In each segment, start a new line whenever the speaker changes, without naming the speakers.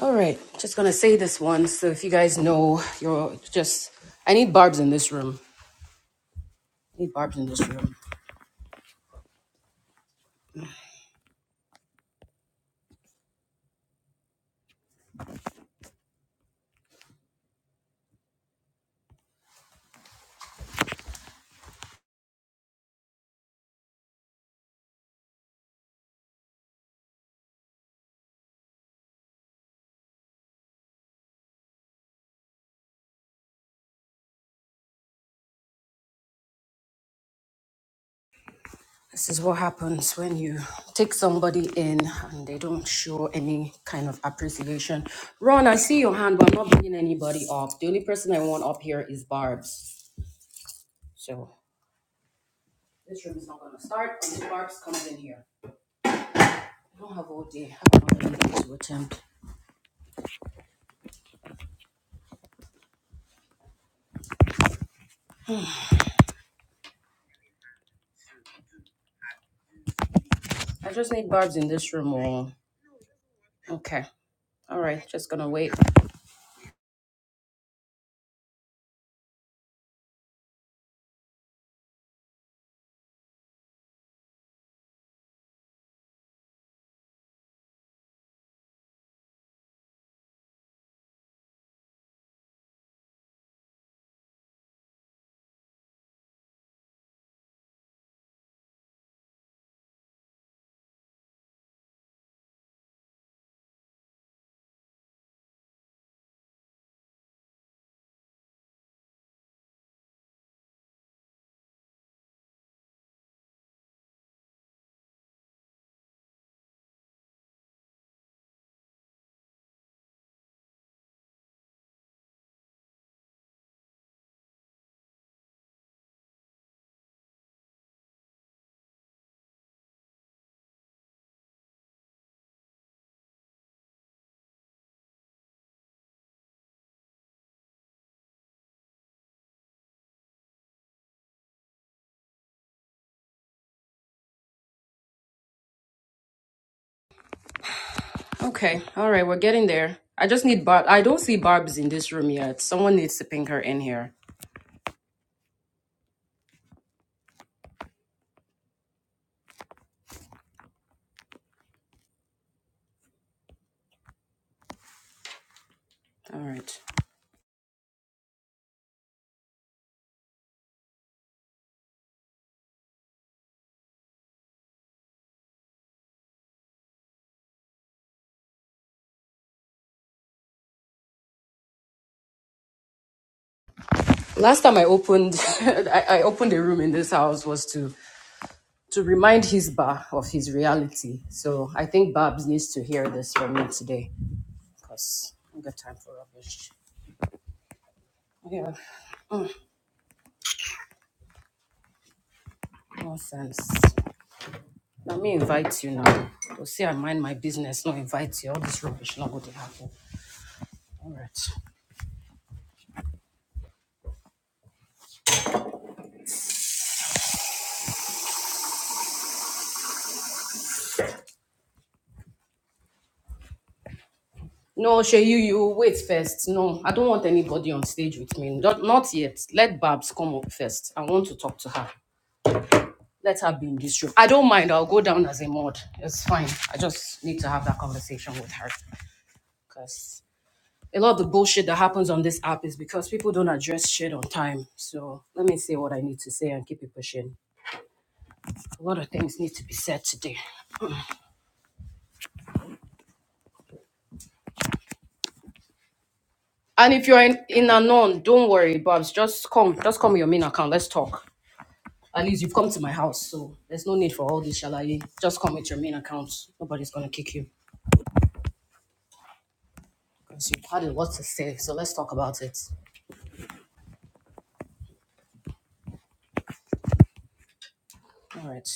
All right, just gonna say this once. So if you guys know, you're just. I need barbs in this room. I need barbs in this room. This is what happens when you take somebody in and they don't show any kind of appreciation. Ron, I see your hand, but I'm not bringing anybody up. The only person I want up here is Barb's. So this room is not gonna start until Barb's comes in here. I don't have all day. I have another meeting to attempt. I just need Barb's in this room. Or okay, all right, just gonna wait. Okay. All right. We're getting there. I just need Barb. I don't see Barb's in this room yet. Someone needs to ping her in here. All right. Last time I opened, I, I opened a room in this house was to to remind his bar of his reality. So I think Barb's needs to hear this from me today because I don't got time for rubbish. Yeah, nonsense. Let me invite you now. Go say I mind my business, not invite you. All this rubbish not going to happen. All right. No, Sheyu, you wait first. No, I don't want anybody on stage with me. Not, not yet. Let Babs come up first. I want to talk to her. Let her be in this room. I don't mind. I'll go down as a mod. It's fine. I just need to have that conversation with her. Because a lot of the bullshit that happens on this app is because people don't address shit on time. So let me say what I need to say and keep it pushing. A lot of things need to be said today. And if you're in, in Anon, don't worry, Babs. Just come. Just come your main account. Let's talk. At least you've come to my house, so there's no need for all this shalaye. Just come with your main account. Nobody's gonna kick you because you've had a lot to say. So let's talk about it. All right.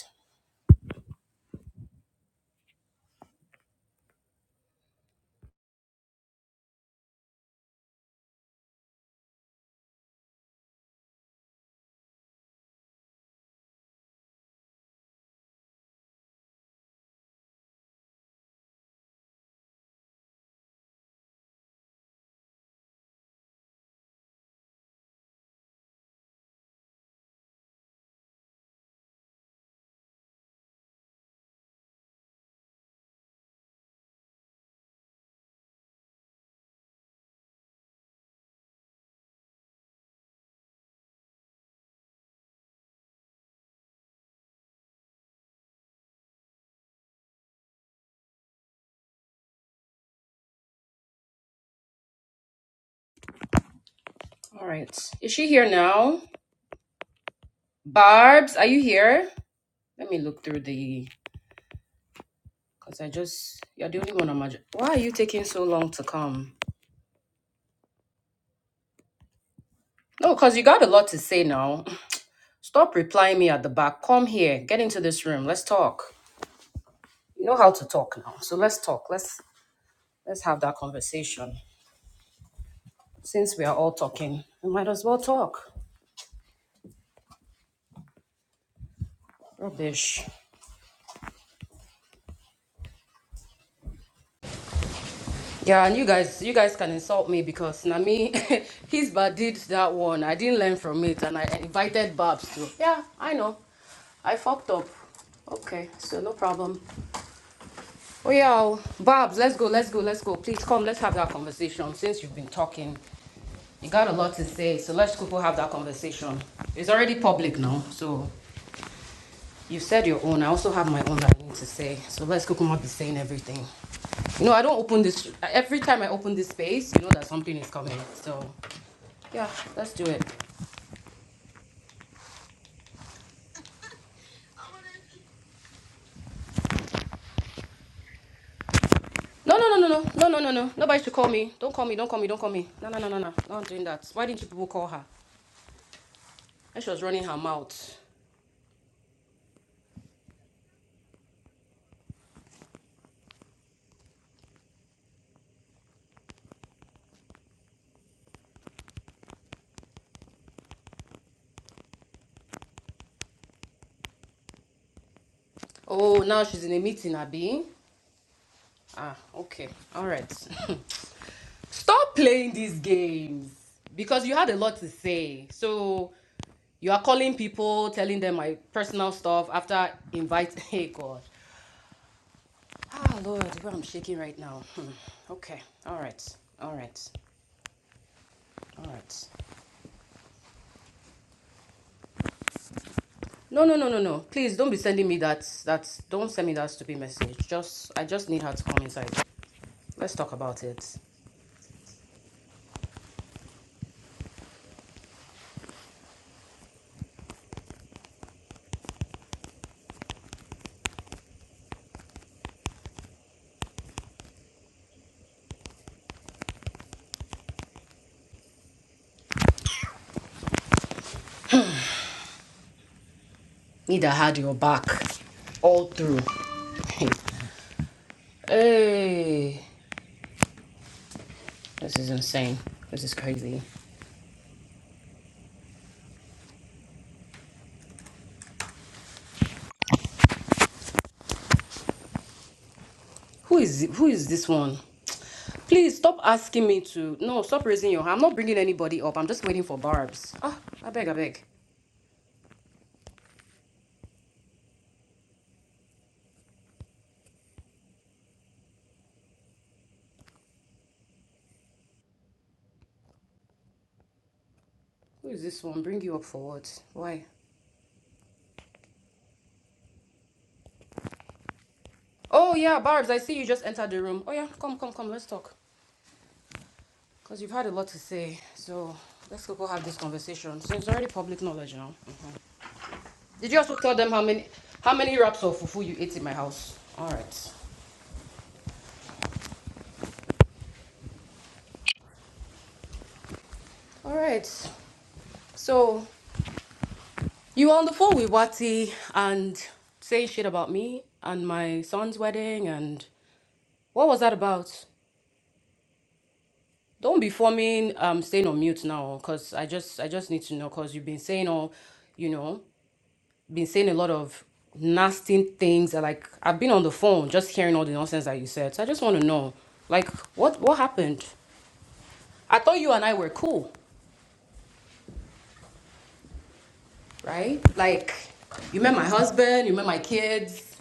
All right. Is she here now? Barb's, are you here? Let me look through the. Cause I just you're the only one on my. Why are you taking so long to come? No, cause you got a lot to say now. Stop replying me at the back. Come here. Get into this room. Let's talk. You know how to talk now. So let's talk. Let's let's have that conversation. Since we are all talking, we might as well talk. Rubbish. Yeah, and you guys, you guys can insult me because Nami, his bad did that one. I didn't learn from it, and I invited Babs too. Yeah, I know. I fucked up. Okay, so no problem. Oh yeah, oh, Babs, let's go, let's go, let's go. Please come, let's have that conversation. Since you've been talking, you got a lot to say, so let's go have that conversation. It's already public now, so You said your own. I also have my own that I need to say. So let's Kukuma be saying everything. You know, I don't open this. Every time I open this space, you know that something is coming. So yeah, let's do it. No, no, no, no, no, no, no, no, no. Nobody should call me. Don't call me. Don't call me. Don't call me. No, no, no, no, no. Not doing that. Why didn't you people call her? And she was running her mouth. Oh, now she's in a meeting, Abi. Ah, okay. All right. Stop playing these games because you had a lot to say. So you are calling people, telling them my personal stuff after invite. Hey God, ah Lord, where I'm shaking right now. Hmm. Okay, all right, all right, all right. No, no, no, no, no. Please don't be sending me that. That don't send me that stupid message. Just I just need her to come inside. Let's talk about it. Need had your back all through. hey, this is insane. This is crazy. Who is who is this one? Please stop asking me to. No, stop raising your hand. I'm not bringing anybody up. I'm just waiting for Barb's. Ah, I beg, I beg. Who is this one? Bring you up for what? Why? Oh yeah, Barb's. I see you just entered the room. Oh yeah, come, come, come. Let's talk. Cause you've had a lot to say. So let's go go have this conversation. So it's already public knowledge now. Mhm. Did you also tell them how many how many wraps of fufu you ate in my house? All right. All right. So You were on the phone with Wati and saying shit about me and my son's wedding and what was that about? Don't be forming um staying on mute now because I just I just need to know because you've been saying all you know, been saying a lot of nasty things and, like I've been on the phone just hearing all the nonsense that you said. So I just want to know like what what happened? I thought you and I were cool, right? Like you met my husband, you met my kids,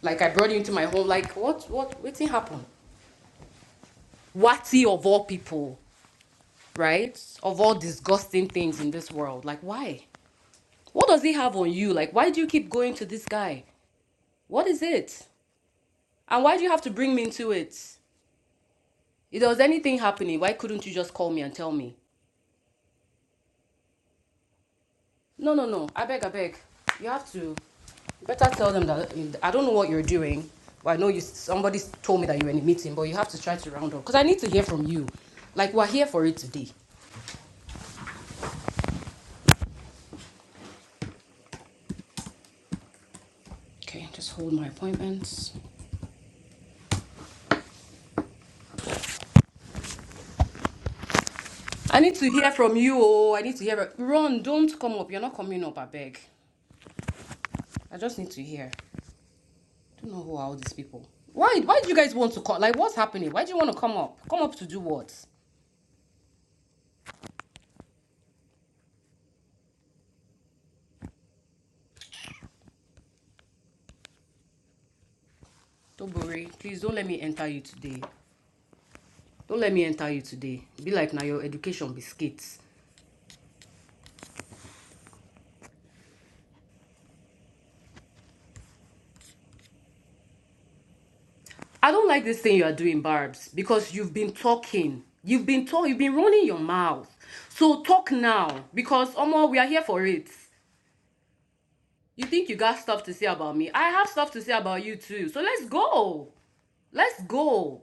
like I brought you into my home. Like what what what thing happened? Wati of all people, right? Of all disgusting things in this world. Like, why? What does he have on you? Like, why do you keep going to this guy? What is it? And why do you have to bring me into it? If there was anything happening, why couldn't you just call me and tell me? No, no, no. I beg, I beg. You have to. Better tell them that I don't know what you're doing. Well, I know you. Somebody told me that you were in a meeting, but you have to try to round up because I need to hear from you. Like we're here for it today. Okay, just hold my appointments. I need to hear from you. Oh, I need to hear. Ron, don't come up. You're not coming up. I beg. I just need to hear. I don't know who are all these people. Why? Why do you guys want to come? Like, what's happening? Why do you want to come up? Come up to do what? Don't worry. Please don't let me enter you today. Don't let me enter you today. Be like now your education biscuits. I don't like this thing you are doing, Barbs, because you've been talking. You've been talk. You've been running your mouth. So talk now, because Omo, we are here for it. You think you got stuff to say about me? I have stuff to say about you too. So let's go. Let's go.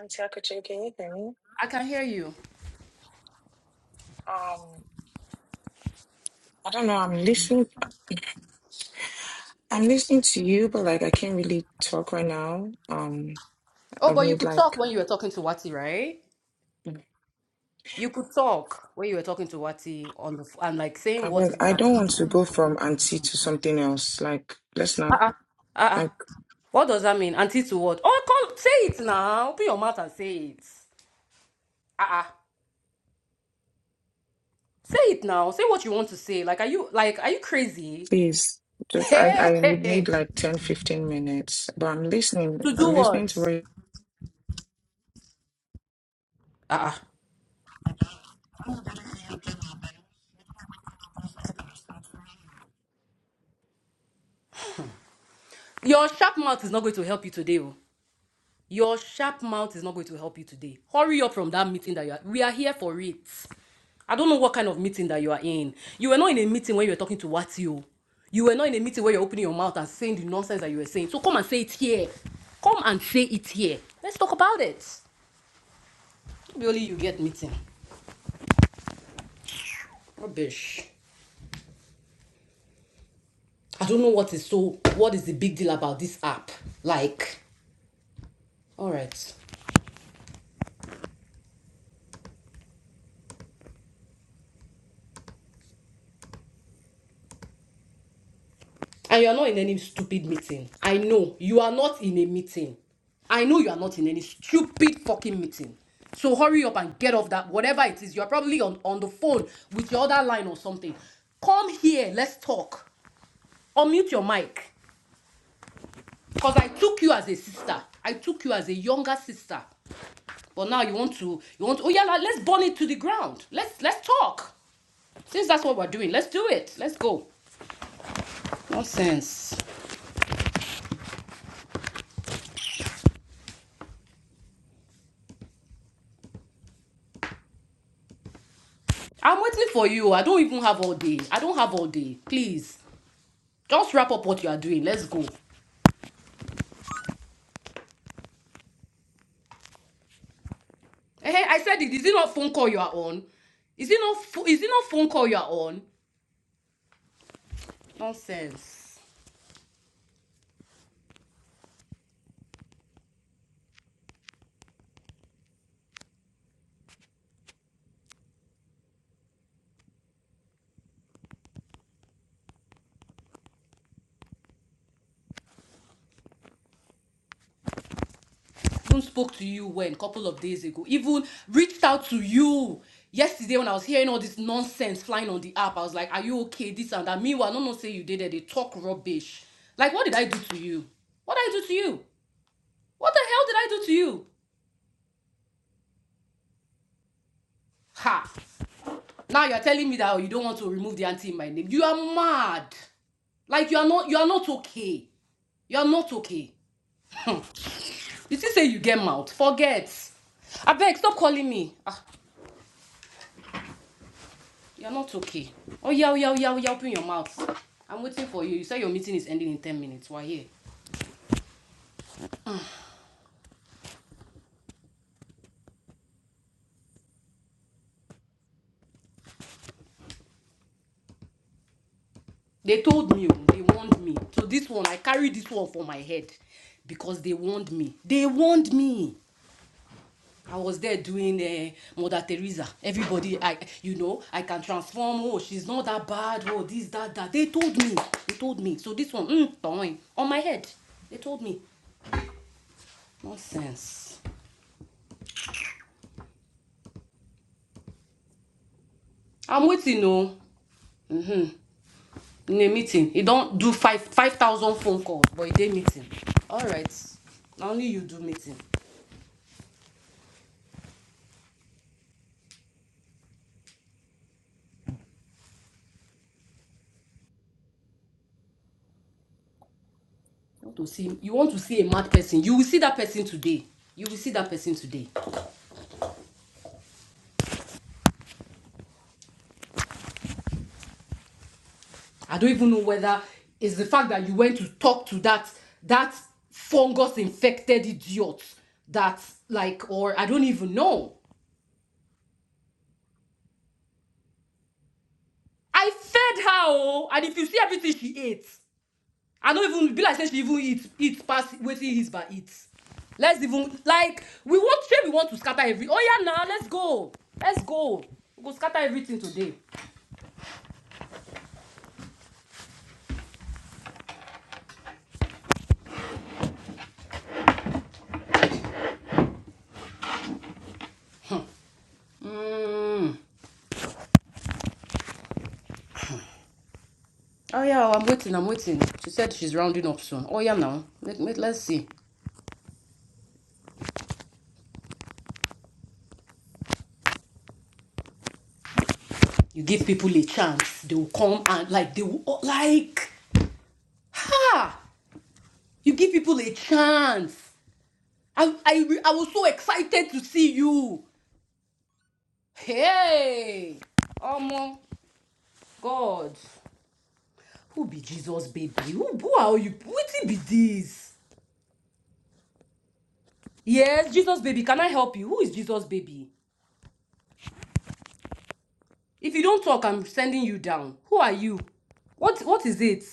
Chakachi, can you hear me?
I can hear you.
Um, I don't know. I'm listening. I'm listening to you, but like I can't really talk right now. Um,
Oh,
I
but you
need
could talk
like
when you were talking to Wati, right? You could talk when you were talking to Wati on the f- and like saying
I
what
want.
is
I don't
happening.
want to go from auntie to something else. Like let's not
Ah, uh
like
what does that mean? Auntie to what? Oh, come say it now. Open your mouth and say it. Ah, uh say it now. Say what you want to say. Like, are you like are you crazy?
please. Just I I would
Hey,
need like 10, 15 minutes. But I'm listening.
to do
I'm listening
what?
to what.
Ah, uh your sharp mouth is not going to help you today. oh. Your sharp mouth is not going to help you today. Hurry up from that meeting that you are. We are here for it. I don't know what kind of meeting that you are in. You were not in a meeting when you were talking to Watio. You were not in a meeting where you're opening your mouth and saying the nonsense that you were saying. So come and say it here. Come and say it here. Let's talk about it. do only you get meeting. Rubbish. I don't know what is so. What is the big deal about this app? Like, all right. and you are not in any stupid meeting. I know you are not in a meeting. I know you are not in any stupid fucking meeting. So hurry up and get off that whatever it is. You are probably on, on the phone with your other line or something. Come here, let's talk. Unmute your mic. Because I took you as a sister. I took you as a younger sister. But now you want to you want to, oh yeah, let's burn it to the ground. Let's let's talk. Since that's what we're doing, let's do it. Let's go. Nonsense. I'm waiting for you. I don't even have all day. I don't have all day. Please, just wrap up what you are doing. Let's go. Hey, I said it. Is it not phone call you are on? Is it not? is it not phone call you are on? Nonsense. Even spoke to you when a couple of days ago. Even reached out to you yesterday when I was hearing all this nonsense flying on the app. I was like, "Are you okay?" This and that. Meanwhile, no, no, say you did it. They talk rubbish. Like, what did I do to you? What did I do to you? What the hell did I do to you? Ha! Now you're telling me that oh, you don't want to remove the auntie in my name. You are mad. Like you are not you are not okay. You are not okay. Hmm. Did you still say you get mouth? Forget. Abeg, stop calling me. Ah, you're not okay. Oh yeah, oh yeah, oh yeah, oh yeah, open your mouth. I'm waiting for you. You said your meeting is ending in 10 minutes. Why here? They told me, oh, they warned me. So this one, I carry this one for my head because they warned me. They warned me. I was there doing uh, Mother Teresa. Everybody, I you know, I can transform. Oh, she's not that bad. Oh, this, that, that. They told me. They told me. So this one, mm, on my head. They told me. Nonsense. I'm waiting. no. mm-hmm. in a meeting. You don't do five five thousand phone calls, but he did meeting. All right. only you do meeting. You want to see? You want to see a mad person? You will see that person today. You will see that person today. I don't even know whether it's the fact that you went to talk to that that fungus infected idiot that like or I don't even know. I fed her oh, and if you see everything she ate, I don't even be like say she even eat eat past wetin his by eat. Let's even like we want say we want to scatter every oh yeah now nah, let's go. Let's go. We we'll go scatter everything today. Mm. Oh yeah, I'm waiting, I'm waiting. She said she's rounding up soon. Oh yeah now. Let, let, let's see. You give people a chance, they will come and like they will like ha. You give people a chance. I I I was so excited to see you. Hey, oh my God, who be Jesus baby? Who who are you? Wetin be this? Yes, Jesus baby. Can I help you? Who is Jesus baby? If you don't talk, I'm sending you down. Who are you? What what is it?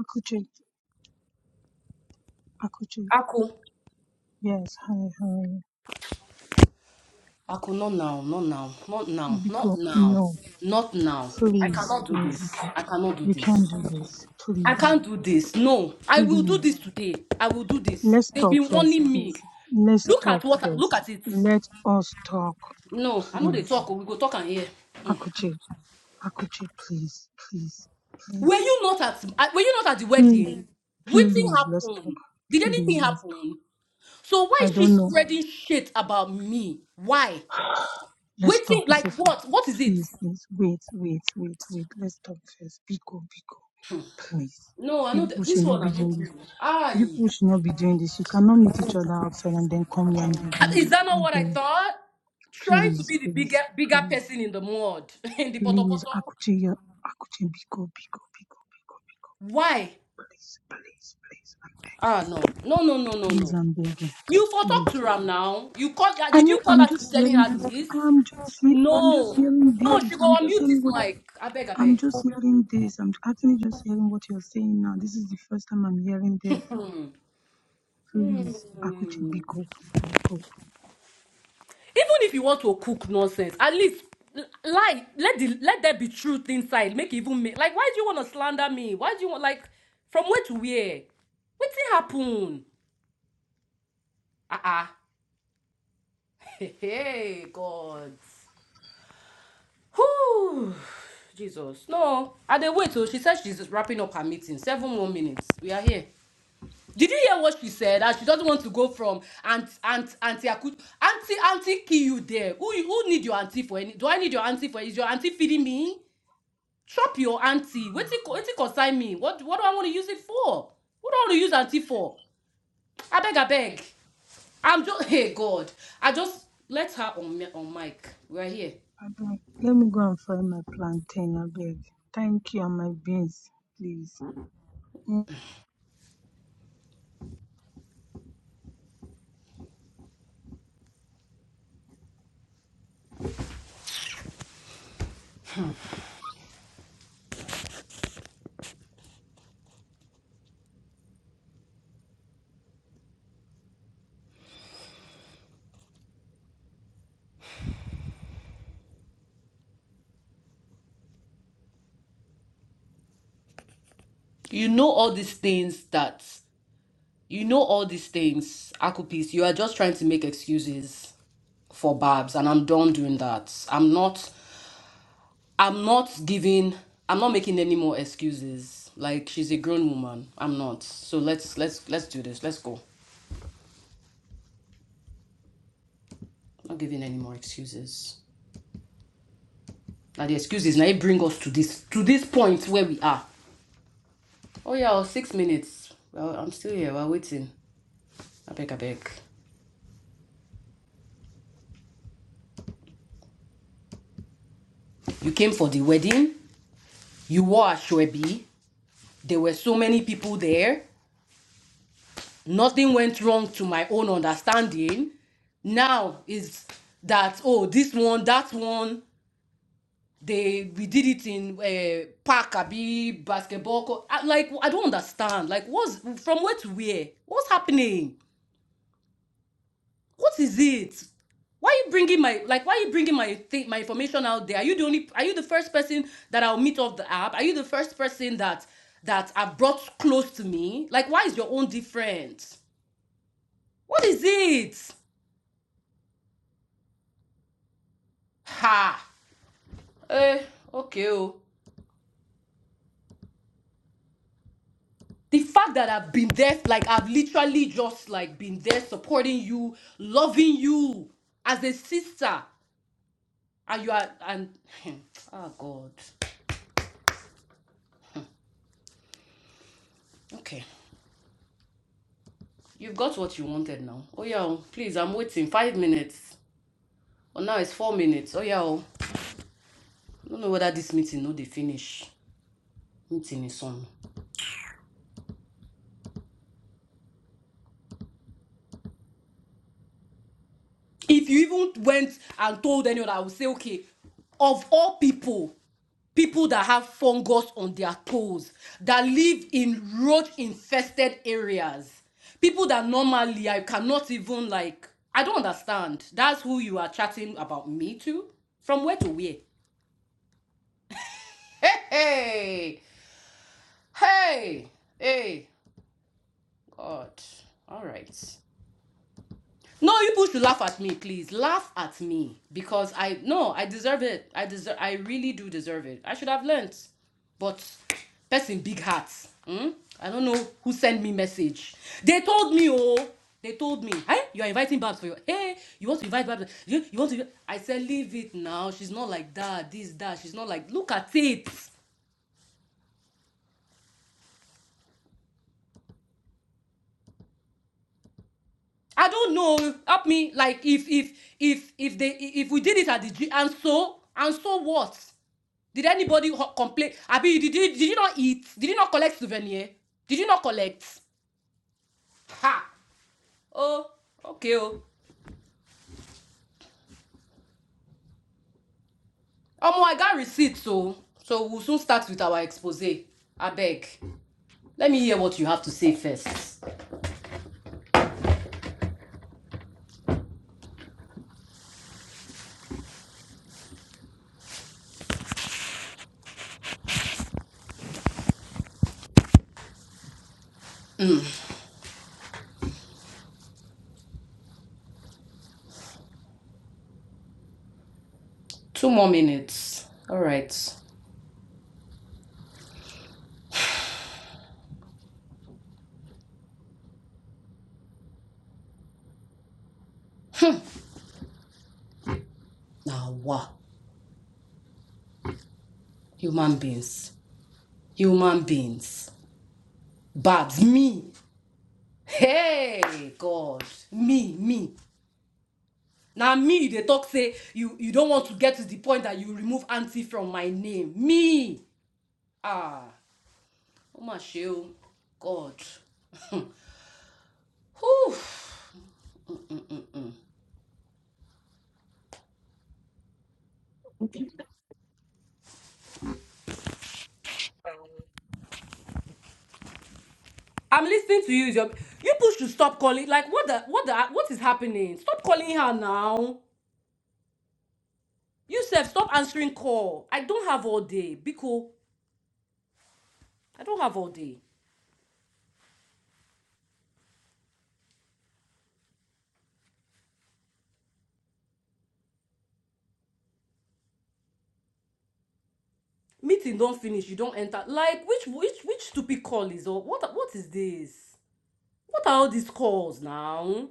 Akuche, Akuche,
Aku.
yes, hi, how are you?
Aku, not now, not now, not now, not
Because
now,
no,
not now. I
please,
cannot do
please, you
this.
can,
I cannot do
you can
this.
do this,
I
please,
can't do this. No, I will do this
please.
today. I will do this.
Let's
They've
talk
been
first,
warning me.
please. Let's
Look at
talk
what. Look
first.
at it.
Let us talk,
No, I know they
please.
talk. oh, We go talk and hear. Mm.
Akuche, Akuche, please, please,
Were
please,
you not at? uh, Were you not at the
please,
wedding? Waiting
please. Let's talk,
happened. Did anything
please, let's talk.
happen? So why
I
is she
don't know.
spreading shit about me? Why?
Let's talk.
Waiting
It's
like
okay.
what? What is it?
Please, please, wait, wait, wait, wait. Let's talk first. Biko, Biko. Please.
No, I
You
know that
people should
this
not
one I
be
know.
doing this. You
Aye.
people should not be doing this. You cannot meet each other outside and then come here and be doing
Is
this.
that
I
not what I
beg.
thought? Trying to
Please,
be the bigger
please,
bigger
please,
person in the mud, in the potopoto.
please. Akuche, ya- Akuche, Biko, Biko, Biko, Biko, Biko, Biko.
Why?
Please, please, please. I'm
Ah no. No no no
begging.
no
Please,
no.
I'm begging.
You for talk
Please.
to Ram now. You call her
I
did
know
you call
I'm
her to be
just
telling
hearing
her
this.
this?
I'm just he- I'm just
No.
hearing
No,
this.
she go
I'm just
unmute this
hearing what
mic. I beg, I
I'm
beg.
just hearing this. I'm actually just hearing what you're saying now. This is the first time I'm hearing this.
Hmm.
Please, Akuchi,
Hmm.
biko, biko.
Even if you want to cook nonsense, at least l- lie. Let the let there be truth inside. Make it even make like why do you want to slander me? Why do you want like from where to where? What's it happen? Uh-uh. Hey, hey, God. Whew. Jesus. No. I did wait till she said she's wrapping up her meeting. Seven more minutes. We are here. Did you hear what she said? That she doesn't want to go from aunt aunt auntie Aku auntie auntie kill you there. Who who need your auntie for any? Do I need your auntie for? Is your auntie feeding me? Chop your auntie. Wait till wait till consign me. What what do I want to use it for? What do I want to use auntie for? I beg I beg. I'm just hey God. I just let her on on mic. We're here.
Abeg, let me go and fry my plantain, abeg. Thank you, and my beans, please.
you know all these things that you know all these things akupis you are just trying to make excuses for babs and i'm done doing that i'm not i'm not giving i'm not making any more excuses like she's a grown woman i'm not so let's let's let's do this let's go I'm not giving any more excuses now the excuses now it bring us to this to this point where we are oh yeah oh, six minutes well i'm still here we're waiting I beg abeg beg. you came for the wedding you wore ashwebi There were so many people there. Nothing went wrong to my own understanding. Now is that oh this one that one they we did it in uh, park abi basketball court. I, like I don't understand. Like what's from where to where? What's happening? What is it? why are you bringing my like why are you bringing my thing my information out there are you the only are you the first person that i'll meet off the app are you the first person that that i've brought close to me like why is your own different What is it? Ha! Eh, okay. Oh. The fact that I've been there, like I've literally just like been there supporting you, loving you as a sister. And you are and oh god. Okay. You've got what you wanted now. Oh yeah, oh. please, I'm waiting. Five minutes. Well now it's four minutes. Oh yeah. oh. I don't know whether this meeting no they finish. Meeting is on. If you even went and told anyone, I would say, okay, of all people. people that have fungus on their toes, that live in road infested areas, people that normally I cannot even like, I don't understand. That's who you are chatting about me to? From where to where? Hey, hey, hey, hey, God. All right. No, you people should laugh at me, please. Laugh at me because I no, I deserve it. I deserve. I really do deserve it. I should have learnt, but person big hearts. Hmm? I don't know who sent me message. They told me, oh, they told me, hey, you are inviting Babs for your. Hey, you want to invite Babs? You, you want to? I said, leave it now. She's not like that. This that. She's not like. Look at it. I don't know. Help me. Like if if if if they if we did it at the G and so and so what? Did anybody ho- complain? Abi, did you did you not eat? Did you not collect souvenir? Did you not collect? Ha! Oh, okay. Oh, Omo, I got receipts, so so we'll soon start with our expose. I beg. Let me hear what you have to say first. Two more minutes. All right. Now, wow. Human beings. Human beings. Bad. Me. Hey God, me, me. Now me they talk say you you don't want to get to the point that you remove auntie from my name. Me. Ah, oh my Sheo. God. Whew.
you- Um,
I'm listening to you. Your, you push to stop calling. Like what the what the what is happening? Stop calling her now. You self stop answering call. I don't have all day. Biko, I don't have all day. Meeting don't finish. You don't enter. Like which which which stupid call is all? What what is this? What are all these calls now?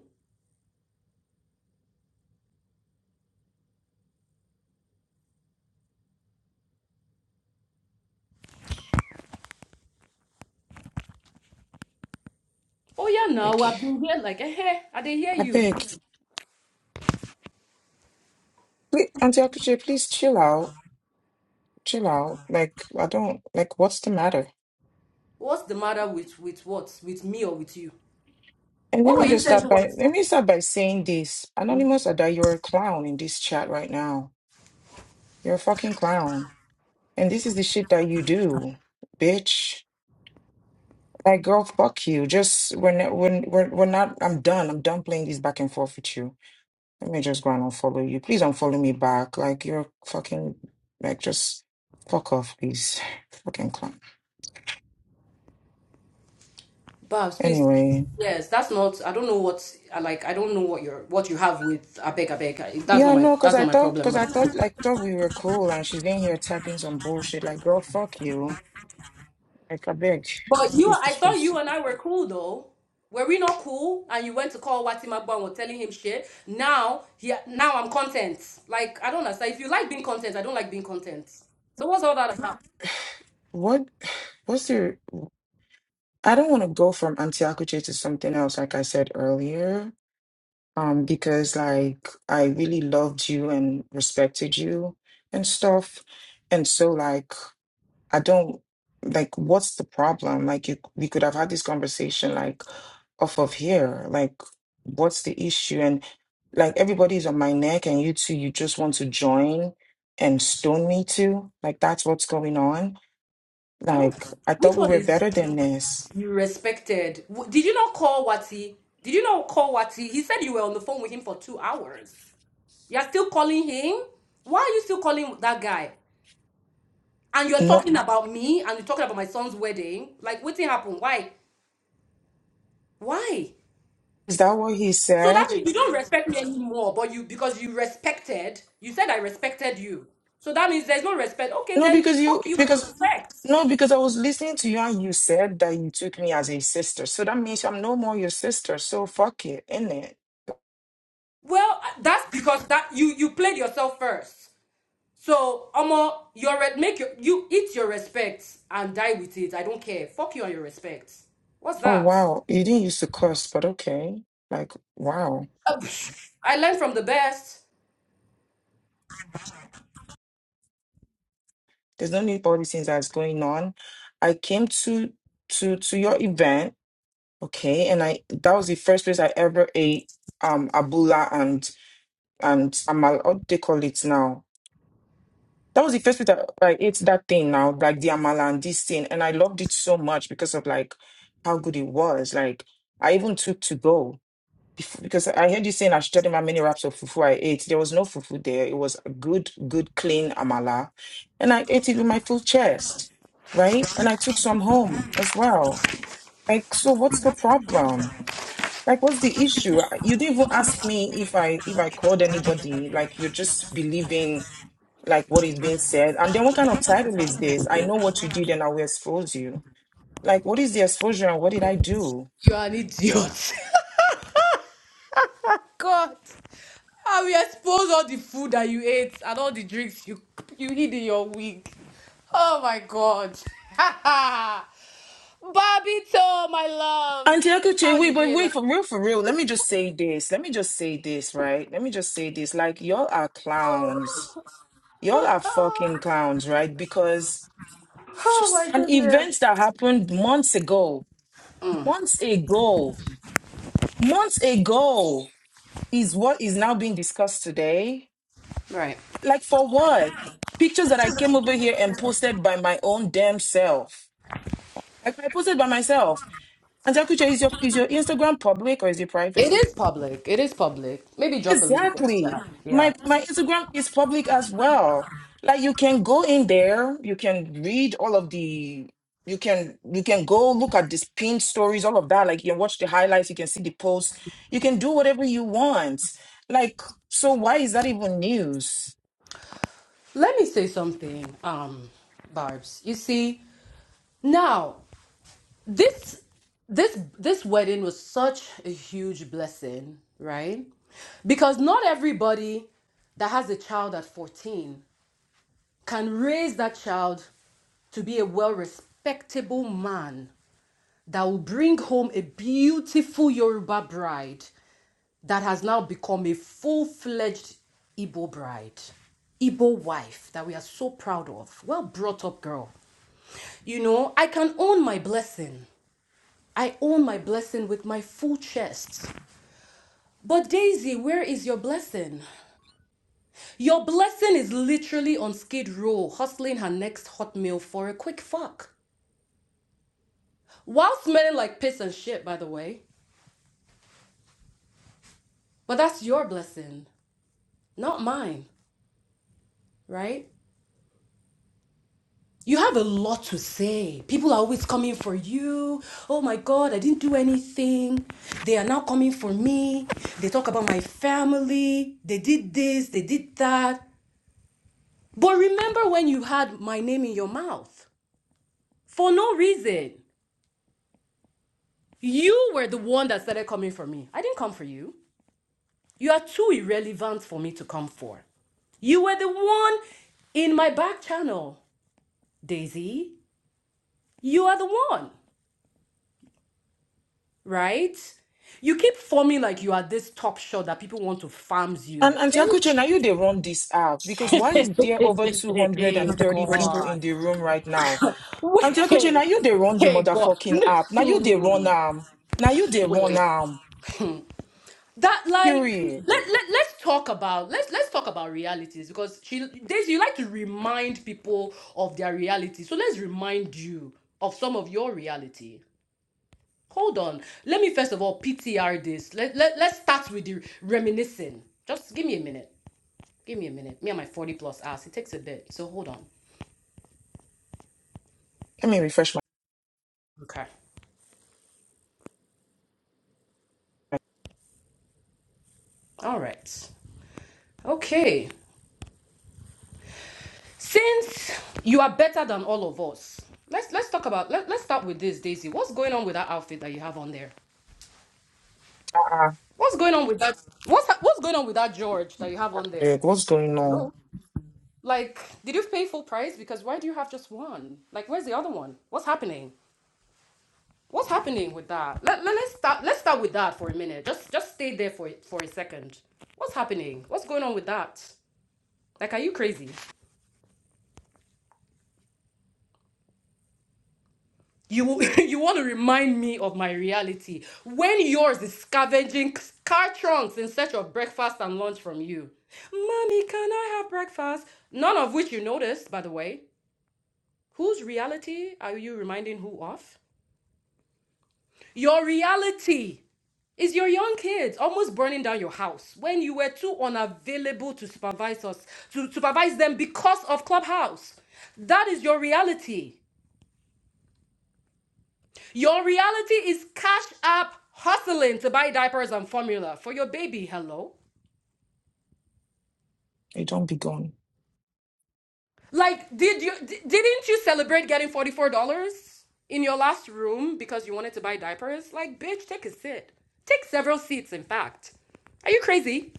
Oh yeah, now
like,
I've been here like eh, eh, I didn't hear
I
you.
beg, please, auntie Akachi, please chill out. Chill out. Like I don't like. What's the matter?
What's the matter with with what? With me or with you?
And let
What were
me
you
just
saying?
start by let me start by saying this.
Mm,
Anonymous Ada, you're a clown in this chat right now. You're a fucking clown. And this is the shit that you do, bitch. Like girl, fuck you. Just when when we're, we're we're- we're not I'm done. I'm done playing this back and forth with you. Let me just go and unfollow you. Please unfollow me back. Like you're fucking like just fuck off, please. Fucking clown.
Babs, please.
Anyway.
Yes, that's not. I don't know what. I Like I don't know what you're what you have with Abeg Abeg. I- That's not
Yeah,
my
no, cause
that's
I
not my
thought,
problem.
cause I thought, like, thought we were cool, and she's in here tapping some bullshit. Like, girl, fuck you. Like, I beg,
But you,
please,
I
please,
thought
please.
you and I were cool though. Were we not cool? And you went to call Watima Bon, were telling him shit. Now he now I'm content. Like I don't understand. If you like being content, I don't like being content. So what's all that about?
What, what's your, I don't want to go from Antiakuche to something else, like I said earlier, um, because like I really loved you and respected you and stuff. And so like, I don't, like, what's the problem? Like you, we could have had this conversation like off of here. Like, what's the issue? And like everybody's on my neck and you two, you just want to join and stone me too. Like that's what's going on
I don't.
Like, I thought
Which
we
one
were
is
better than this.
you respected? W- Did you not call Wati? Did you not call Wati? He said you were on the phone with him for two hours. You're still calling him? Why are you still calling that guy? And you're
No,
talking about me and you're talking about my son's wedding. Like, what thing happened? Why? Why?
is that what he
So that
said?
you don't respect me anymore, but you because you respected, you said I respected you. So that means there's no respect. Okay,
No,
then
because you,
fuck you for
because,
respect.
no, because I was listening to you and you said that you took me as a sister. So that means I'm no more your sister. So fuck it, innit?
Well, uh, that's because that you you played yourself first. So, Omo, your make your you eat your respect and die with it. I don't care. Fuck you on your respect. What's
Oh,
that?
wow. You didn't used to curse, but okay. Like, wow.
I learned from the best.
There's no need for all these things that's going on. I came to, to, to your event. Okay. And I, that was the first place I ever ate, um, abula and, and amal, what they call it now that was the first week that like it's that thing now, like the Amala and this thing. And I loved it so much because of like how good it was. Like I even took to go because I heard you saying I should tell them how many wraps of fufu I ate. There was no fufu there. It was a good, good, clean Amala. And I ate it with my full chest, right? And I took some home as well. Like, so what's the problem? Like, what's the issue? I- You didn't even ask me if I if I called anybody. Like, you're just believing like what is being said. And then what kind of title is this? I know what you did and I will expose you. Like, what is the exposure and what did I do?
You're an idiot. God, I will expose all the food that you ate and all the drinks you you hid in your wig. Oh my God. Babito, my love.
Auntie
How
Akache,
you
wait, but
did
wait,
like?
for real, for real. Let me just say this. Let me just say this, right? Let me just say this. Like, y'all are clowns. Y'all are
oh
fucking clowns, right? Because
my.
an event that happened months ago, months ago, months ago is what is now being discussed today
Right.
Like for what? Pictures that I came over here and posted by my own damn self. Like I posted by myself. And Zakucha, is your is your Instagram public or is it
It
private?
is public. It is public. Maybe drop a link in
Exactly.
Yeah.
My my Instagram is public as well. Like you can go in there, you can read all of the you can you can go look at these pinned stories, all of that. Like you can watch the highlights, you can see the posts, you can do whatever you want. Like, so why is that even news?
Let me say something, um, Barb's. You see, now this this this wedding was such a huge blessing, right? Because not everybody that has a child at 14 can raise that child to be a well respectable man that will bring home a beautiful Yoruba bride that has now become a full fledged Igbo bride, Igbo wife that we are so proud of. Well brought up girl. You know, I can own my blessing. I own my blessing with my full chest. But Daisy, where is your blessing? Your blessing is literally on skid row, hustling her next hot meal for a quick fuck. While smelling like piss and shit, by the way. But that's your blessing, not mine, right? You have a lot to say. People are always coming for you. Oh my God, I didn't do anything. They are now coming for me. They talk about my family. They did this, they did that. But remember when you had my name in your mouth for no reason. You were the one that started coming for me. I didn't come for you. You are too irrelevant for me to come for. You were the one in my back channel, Daisy. You are the one. right? You keep forming like you are this top shot that people want to farms
And
you.
Auntie Akuche, now you they run this app because why is there over 230 people in the room right now? Auntie Akuche, now you they run the
Hey God. Wait. Hey God.
motherfucking app. Now you they run um. Now you they run
Wait.
um.
That like let,
Period.
let let's talk about let's let's talk about realities because she Daisy, you like to remind people of their reality. So let's remind you of some of your reality. Hold on. Let me first of all PTR this. Let, let, let's start with the reminiscing. Just give me a minute. Give me a minute. Me and my 40 plus hours. It takes a bit. So hold on.
Let me refresh my.
Okay. All right. Okay. Since you are better than all of us, let's let's talk about let, let's start with this, Daisy. What's going on with that outfit that you have on there?
Ah,
What's going on with that? What's what's going on with that George that you have on
uh,
there?
what's going on?
No. Like, did you pay full price? Because why do you have just one? Like, where's the other one? What's happening? What's happening with that? Let, let, us start let's start with that for a minute. Just just stay there for for a second. What's happening? What's going on with that? Like, are you crazy? You you want to remind me of my reality when yours is scavenging car trunks in search of breakfast and lunch from you. Mommy, can I have breakfast? None of which you noticed, by the way. Whose reality are you reminding who of? Your reality is your young kids almost burning down your house when you were too unavailable to supervise us to supervise them because of clubhouse that is your reality Your reality is cash app hustling to buy diapers and formula for your baby. Hello?
It don't be gone.
Like, did you di- didn't you celebrate getting $44 in your last room because you wanted to buy diapers? Like, bitch, take a sit. Take several seats, in fact. Are you crazy?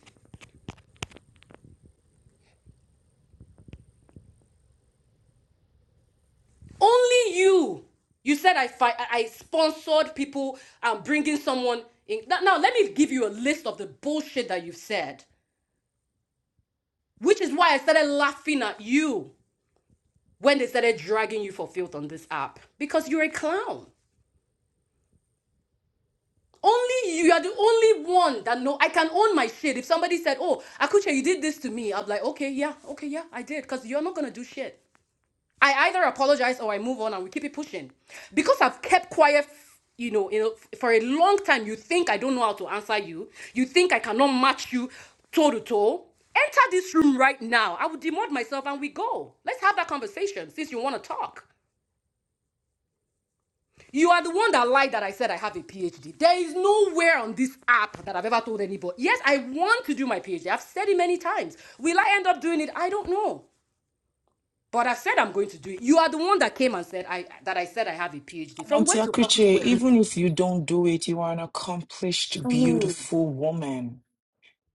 Only you. You said I fi- I sponsored people and um, bringing someone in. Now, now, let me give you a list of the bullshit that you've said, which is why I started laughing at you. when they started dragging you for filth on this app because you're a clown. Only you are the only one that know I can own my shit. If somebody said, "Oh, Akuche, you did this to me," I'm like, "Okay, yeah, okay, yeah, I did," because you're not gonna do shit. I either apologize or I move on and we keep it pushing. Because I've kept quiet, you know, you know, for a long time. You think I don't know how to answer you. You think I cannot match you toe to toe. Enter this room right now. I will demote myself and we go. Let's have that conversation since you want to talk. You are the one that lied that I said I have a PhD. There is nowhere on this app that I've ever told anybody. Yes, I want to do my PhD. I've said it many times. Will I end up doing it? I don't know. But I said I'm going to do it. You are the one that came and said I that I said I have a PhD.
And
From
Auntie
where to fucking
Akuche,
where?
even if you don't do it, you are an accomplished,
I mean,
beautiful woman.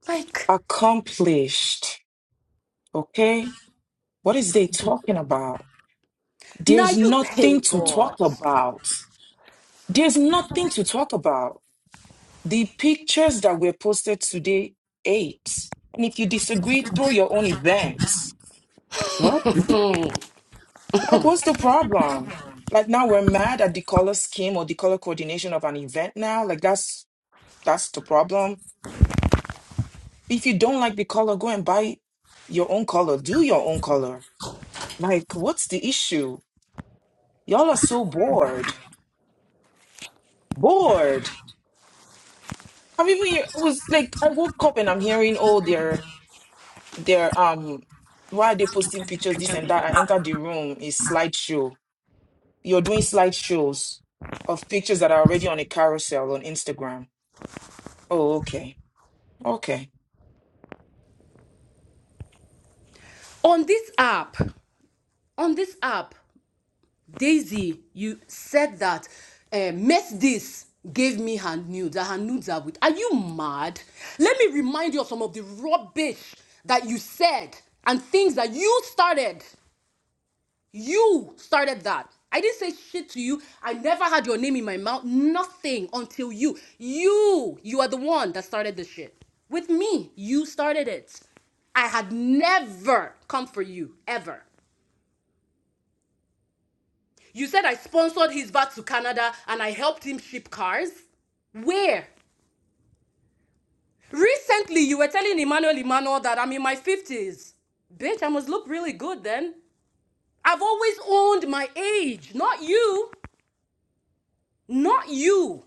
like
Accomplished. Okay? What is they talking about?
now
There's
you hey
nothing to
God.
talk about. There's nothing to talk about. The pictures that were posted today, eight. And if you disagree, throw your own events. What? Like, what's the problem? Like now we're mad at the color scheme or the color coordination of an event now? Like that's that's the problem If you don't like the color, go and buy your own color. Do your own color. Like, what's the issue? Y'all are so bored. Bored. I mean, we- I was like, I woke up and I'm hearing, oh, they're, they're, um, why are they posting pictures, this and that? I entered the room, is slideshow. You're doing slideshows of pictures that are already on a carousel on Instagram. Oh, okay. Okay.
On this app, on this app. Daisy, you said that uh, met this gave me her nudes, that her nudes are with. Are you mad? Let me remind you of some of the rubbish that you said and things that you started. You started that. I didn't say shit to you. I never had your name in my mouth. Nothing until you. You, you are the one that started the shit. With me, you started it. I had never come for you, ever. You said I sponsored his back to Canada and I helped him ship cars? Where? Recently, you were telling Emmanuel Emmanuel that I'm in my 50s. Bitch, I must look really good then. I've always owned my age, not you. Not you.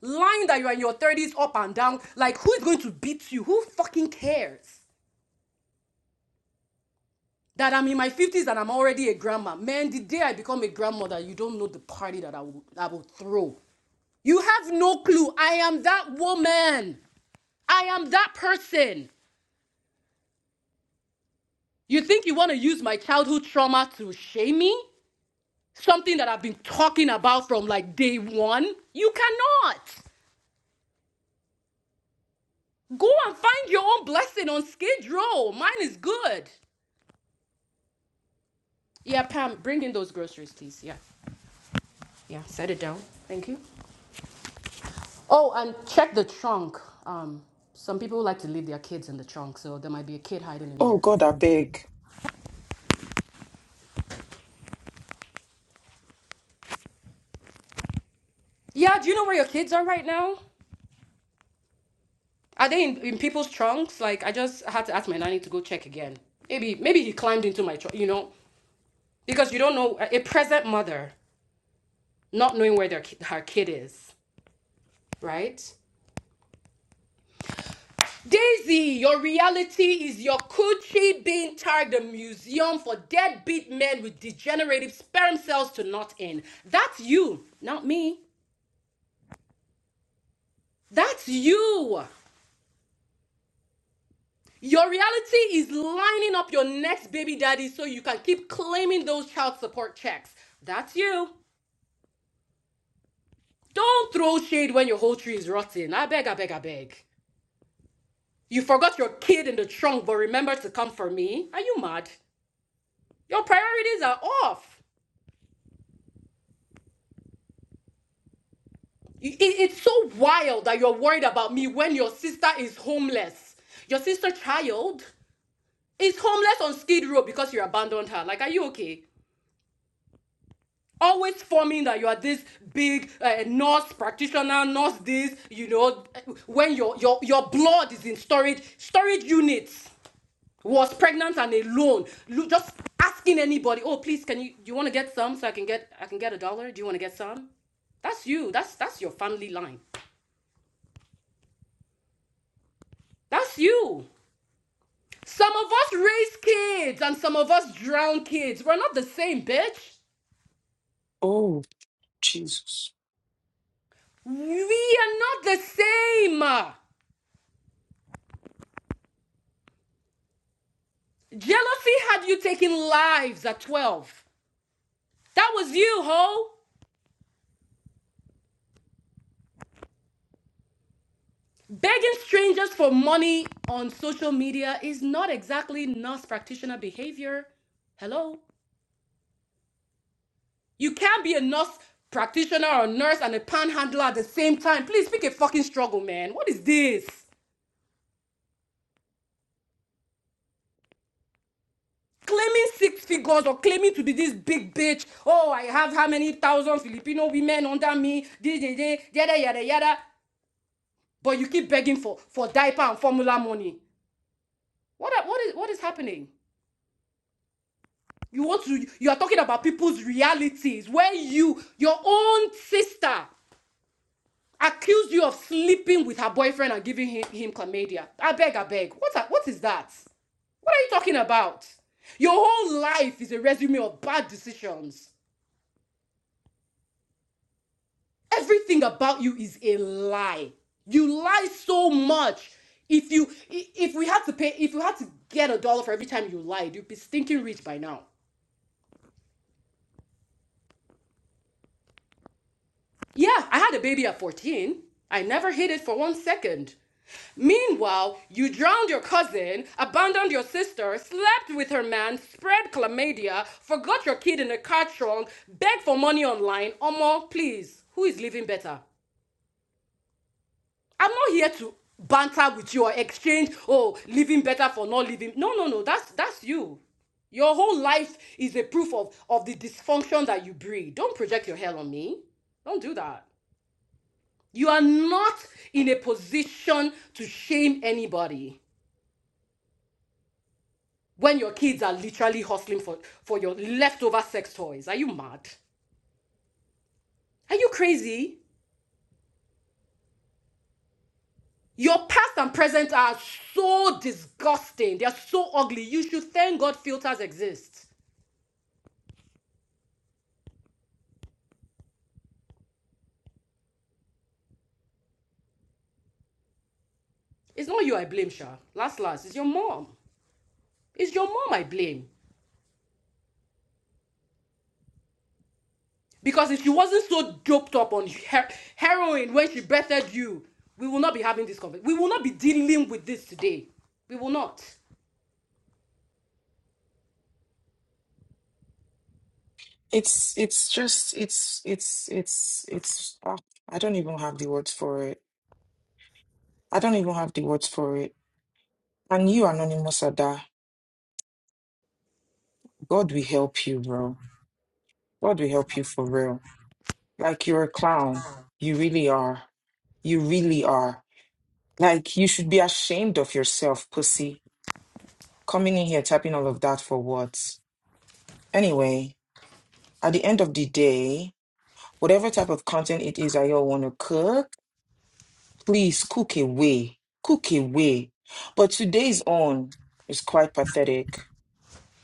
Lying that you're in your 30s up and down, like who is going to beat you? Who fucking cares? That I'm in my 50s and I'm already a grandma. Man, the day I become a grandmother, you don't know the party that I will, I will throw. You have no clue. I am that woman. I am that person. You think you want to use my childhood trauma to shame me? Something that I've been talking about from like day one? You cannot. Go and find your own blessing on Skid Row. Mine is good. Yeah, Pam, bring in those groceries, please. Yeah, yeah, set it down. Thank you. Oh, and check the trunk. Um, some people like to leave their kids in the trunk, so there might be a kid hiding in
Oh,
there.
God, I beg.
Yeah, do you know where your kids are right now? Are they in, in people's trunks? Like I just had to ask my nanny to go check again. Maybe maybe he climbed into my trunk, you know, because you don't know a present mother not knowing where their her kid is, right? Daisy, your reality is your coochie being tagged a museum for deadbeat men with degenerative sperm cells to not in. That's you, not me. That's you. Your reality is lining up your next baby daddy so you can keep claiming those child support checks. That's you. Don't throw shade when your whole tree is rotting. I beg, I beg, I beg. You forgot your kid in the trunk, but remember to come for me. Are you mad? Your priorities are off. You- it- it's so wild that you're worried about me when your sister is homeless. Your sister child is homeless on Skid Row because you abandoned her. Like, are you okay? always forming that you are this big uh, nurse practitioner, nurse this, you know, when your your your blood is in storage storage units. Was pregnant and alone, just asking anybody, "Oh, please, can you? Do you want to get some so I can get I can get a dollar? Do you want to get some?" That's you. That's that's your family line. That's you. Some of us raise kids and some of us drown kids. We're not the same, bitch.
Oh, Jesus.
We are not the same. Jealousy had you taking lives at 12. That was you, ho. Begging strangers for money on social media is not exactly nurse practitioner behavior. Hello? You can't be a nurse practitioner or nurse and a panhandler at the same time. Please pick a fucking struggle, man. What is this? Claiming six figures or claiming to be this big bitch. Oh, I have how many thousand Filipino women under me? Dee, dee, Yada, yada, yada. But you keep begging for, for diaper and formula money. What what is what is happening? You want to you are talking about people's realities where you your own sister accused you of sleeping with her boyfriend and giving him, him chlamydia. I beg, I beg. What what is that? What are you talking about? Your whole life is a resume of bad decisions. Everything about you is a lie. You lie so much. If you if we had to pay if you had to get a dollar for every time you lied, you'd be stinking rich by now. Yeah, I had a baby at 14. I never hid it for one second. Meanwhile, you drowned your cousin, abandoned your sister, slept with her man, spread chlamydia, forgot your kid in a car trunk, begged for money online. Omo, please, who is living better? I'm not here to banter with you or exchange, oh, living better for not living. No, no, no, that's that's you. Your whole life is a proof of, of the dysfunction that you breed. Don't project your hell on me. Don't do that. You are not in a position to shame anybody when your kids are literally hustling for, for your leftover sex toys. Are you mad? Are you crazy? Your past and present are so disgusting. They are so ugly. You should thank God filters exist. It's not you I blame, Sha. Last, last, it's your mom. It's your mom I blame. Because if she wasn't so doped up on her- heroin when she birthed you, we will not be having this conversation. We will not be dealing with this today. We will not.
It's it's just it's it's it's it's ah, I don't even have the words for it. I don't even have the words for it. And you, Anonymous Ada, God will help you, bro. God will help you for real. Like you're a clown. You really are. You really are. Like you should be ashamed of yourself, pussy. Coming in here typing all of that for what? Anyway, at the end of the day, whatever type of content it is that y'all want to cook. Please cook away. Cook away. But today's own is quite pathetic.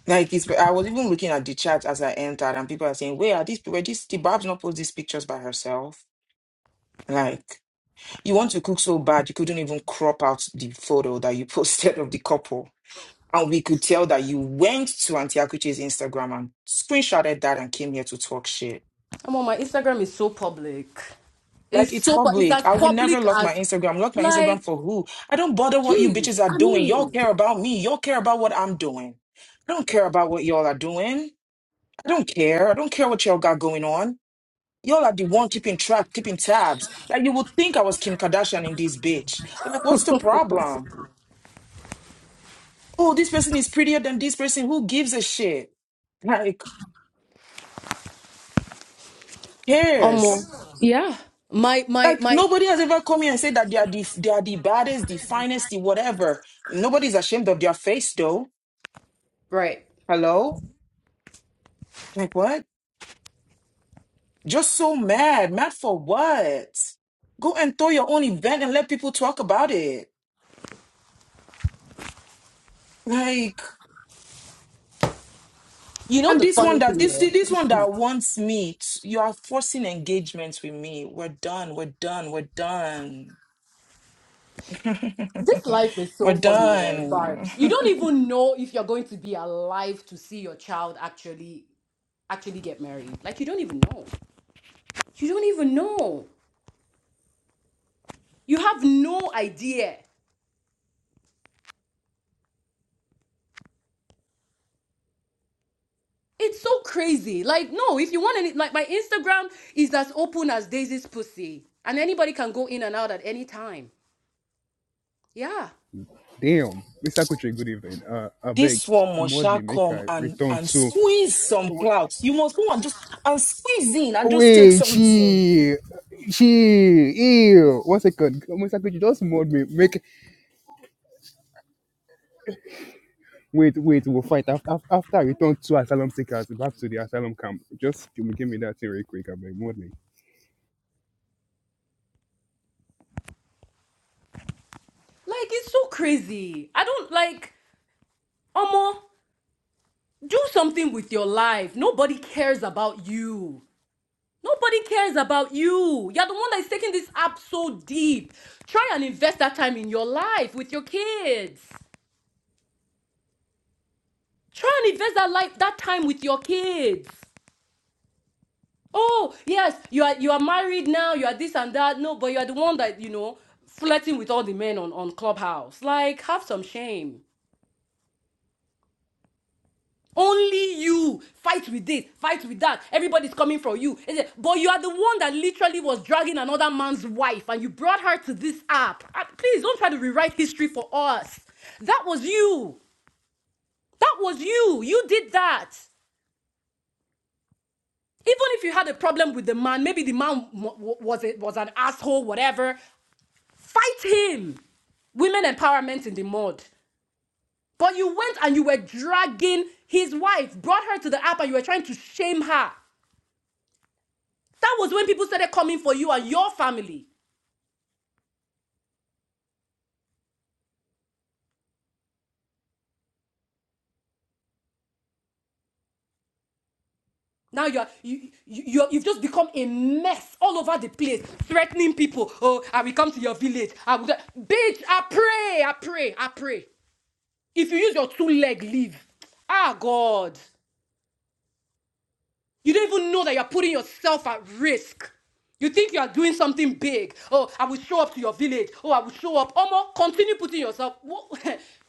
Like it's I was even looking at the chat as I entered and people are saying, Where are these people? This the Babs not post these pictures by herself. Like you want to cook so bad you couldn't even crop out the photo that you posted of the couple. And we could tell that you went to Auntie Akuche's Instagram and screenshotted that and came here to talk shit.
Come on, my Instagram is so public.
Like
It's
it's
so pu- it's
public.
as
I will never
public
lock
as
my Instagram. Lock my Instagram
like,
for who? I don't bother what you
jeez.
bitches are
I
doing. Y'all
mean,
care about me. Y'all care about what I'm doing. I don't care about what y'all are doing. I don't care. I don't care what y'all got going on. Y'all are the one keeping track, keeping tabs. Like you would think I was Kim Kardashian in this bitch. Like, what's the problem? Oh, this person is prettier than this person. Who gives a shit? Like, who
um,
cares?
yeah. My my
Like
my.
nobody has ever come here and said that they are the they are the baddest, the finest, the whatever. Nobody's ashamed of their face though.
Right.
Hello? Like what? Just so mad. Mad for what? Go and throw your own event and let people talk about it. Like
You know
and
the
this
funny
one that
thing,
this
yeah?
this one that wants me, t- you are forcing engagements with me. We're done. We're done. We're done.
this life is
we're
so funny, yeah,
done.
Barb's. You don't even know if you're going to be alive to see your child actually actually get married. Like you don't even know. You don't even know. You have no idea. It's so crazy. Like, no, if you want any, like, my Instagram is as open as Daisy's pussy, and anybody can go in and out at any time. Yeah.
Damn, Mr. Kuchi, good evening. Uh, I
this
beg,
one must
mod me,
shall
make
come
I
and
return
and
to.
squeeze some clouds. You must go and just and squeeze in and just take
Wait,
something.
she, she, ew. One second, Mr. Kuchi, just mod me, make. Wait, wait, we'll fight after after I return to asylum seekers back to the asylum camp. Just give me me that thing real quick, I beg, mod me.
Like, it's so crazy. I don't like, Omo, do something with your life. Nobody cares about you. Nobody cares about you. You're the one that's taking this app so deep. Try and invest that time in your life with your kids. Try and invest that life that time with your kids. oh yes you are you are married now you are this and that no but you are the one that you know flirting with all the men on on clubhouse like have some shame only you fight with this fight with that everybody's coming for you but you are the one that literally was dragging another man's wife and you brought her to this app Ah, please don't try to rewrite history for us that was you that was you you did that even if you had a problem with the man, maybe the man was it was an asshole, whatever. Fight him. Women empowerment in the mud. But you went and you were dragging his wife, brought her to the app, and you were trying to shame her. That was when people started coming for you and your family. Now you're you, you you're, you've just become a mess all over the place, threatening people. Oh, I will come to your village. I will, bitch. I pray, I pray, I pray. If you use your two leg, leave. Ah, God. You don't even know that you're putting yourself at risk. You think you are doing something big. Oh, I will show up to your village. Oh, I will show up. Omo, continue putting yourself.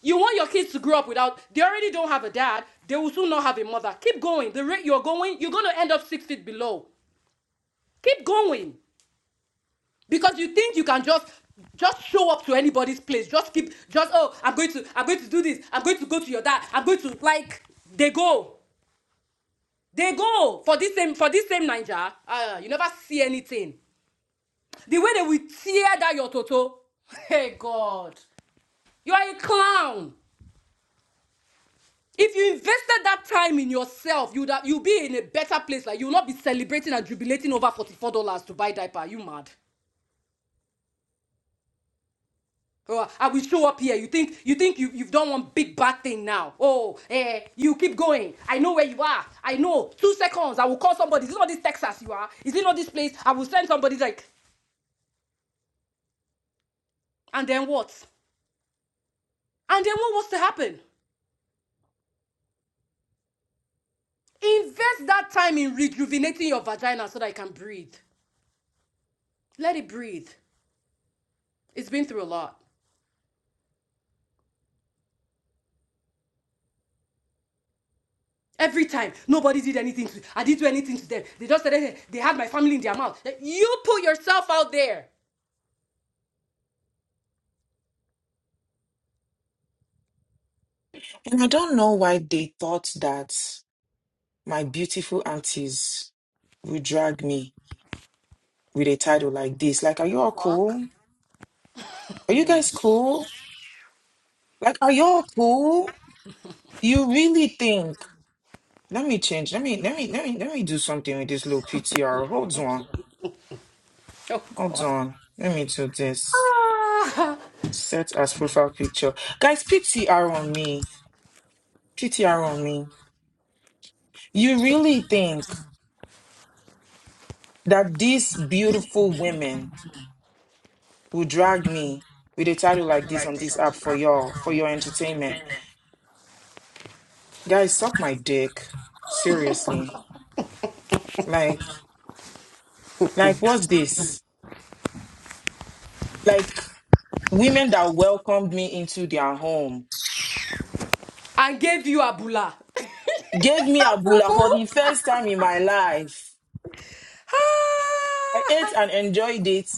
You want your kids to grow up without, they already don't have a dad. They will soon not have a mother. Keep going. The rate you're going, you're going to end up six feet below. Keep going. Because you think you can just just show up to anybody's place. Just keep just oh, I'm going to I'm going to do this. I'm going to go to your dad. I'm going to like they go. They go for this same for this same Niger. Uh, you never see anything. The way they will tear that your toto. Hey God, you are a clown. If you invested that time in yourself, you'd have, you would be in a better place. Like you'll not be celebrating and jubilating over forty-four dollars to buy diaper. Are You mad? Oh, I will show up here. You think you think you, you've done one big bad thing now. Oh, eh, you keep going. I know where you are. I know. Two seconds. I will call somebody. Is it not this Texas you are? Is it not this place? I will send somebody like and then what? And then what was to happen? Invest that time in rejuvenating your vagina so that it can breathe. Let it breathe. It's been through a lot. Every time, nobody did anything to I didn't do anything to them. They just said eh, they had my family in their mouth. Like, You put yourself out there.
And I don't know why they thought that my beautiful aunties would drag me with a title like this. Like, are you all cool? Are you guys cool? Like, are you all cool? You really think? Let me change. Let me let me let me let me do something with this little PTR. Hold on.
Oh
Hold
God.
on. Let me do this.
Ah,
Set as profile picture. Guys, PTR on me. PTR on me. You really think that these beautiful women will drag me with a title like this on this app for y'all, for your entertainment? Guys, suck my dick. Seriously. Like, like, what's this? Like, women that welcomed me into their home
and gave you a bula.
gave me Abula
Fufu.
for the first time in my life. I
Ah,
ate and enjoyed it.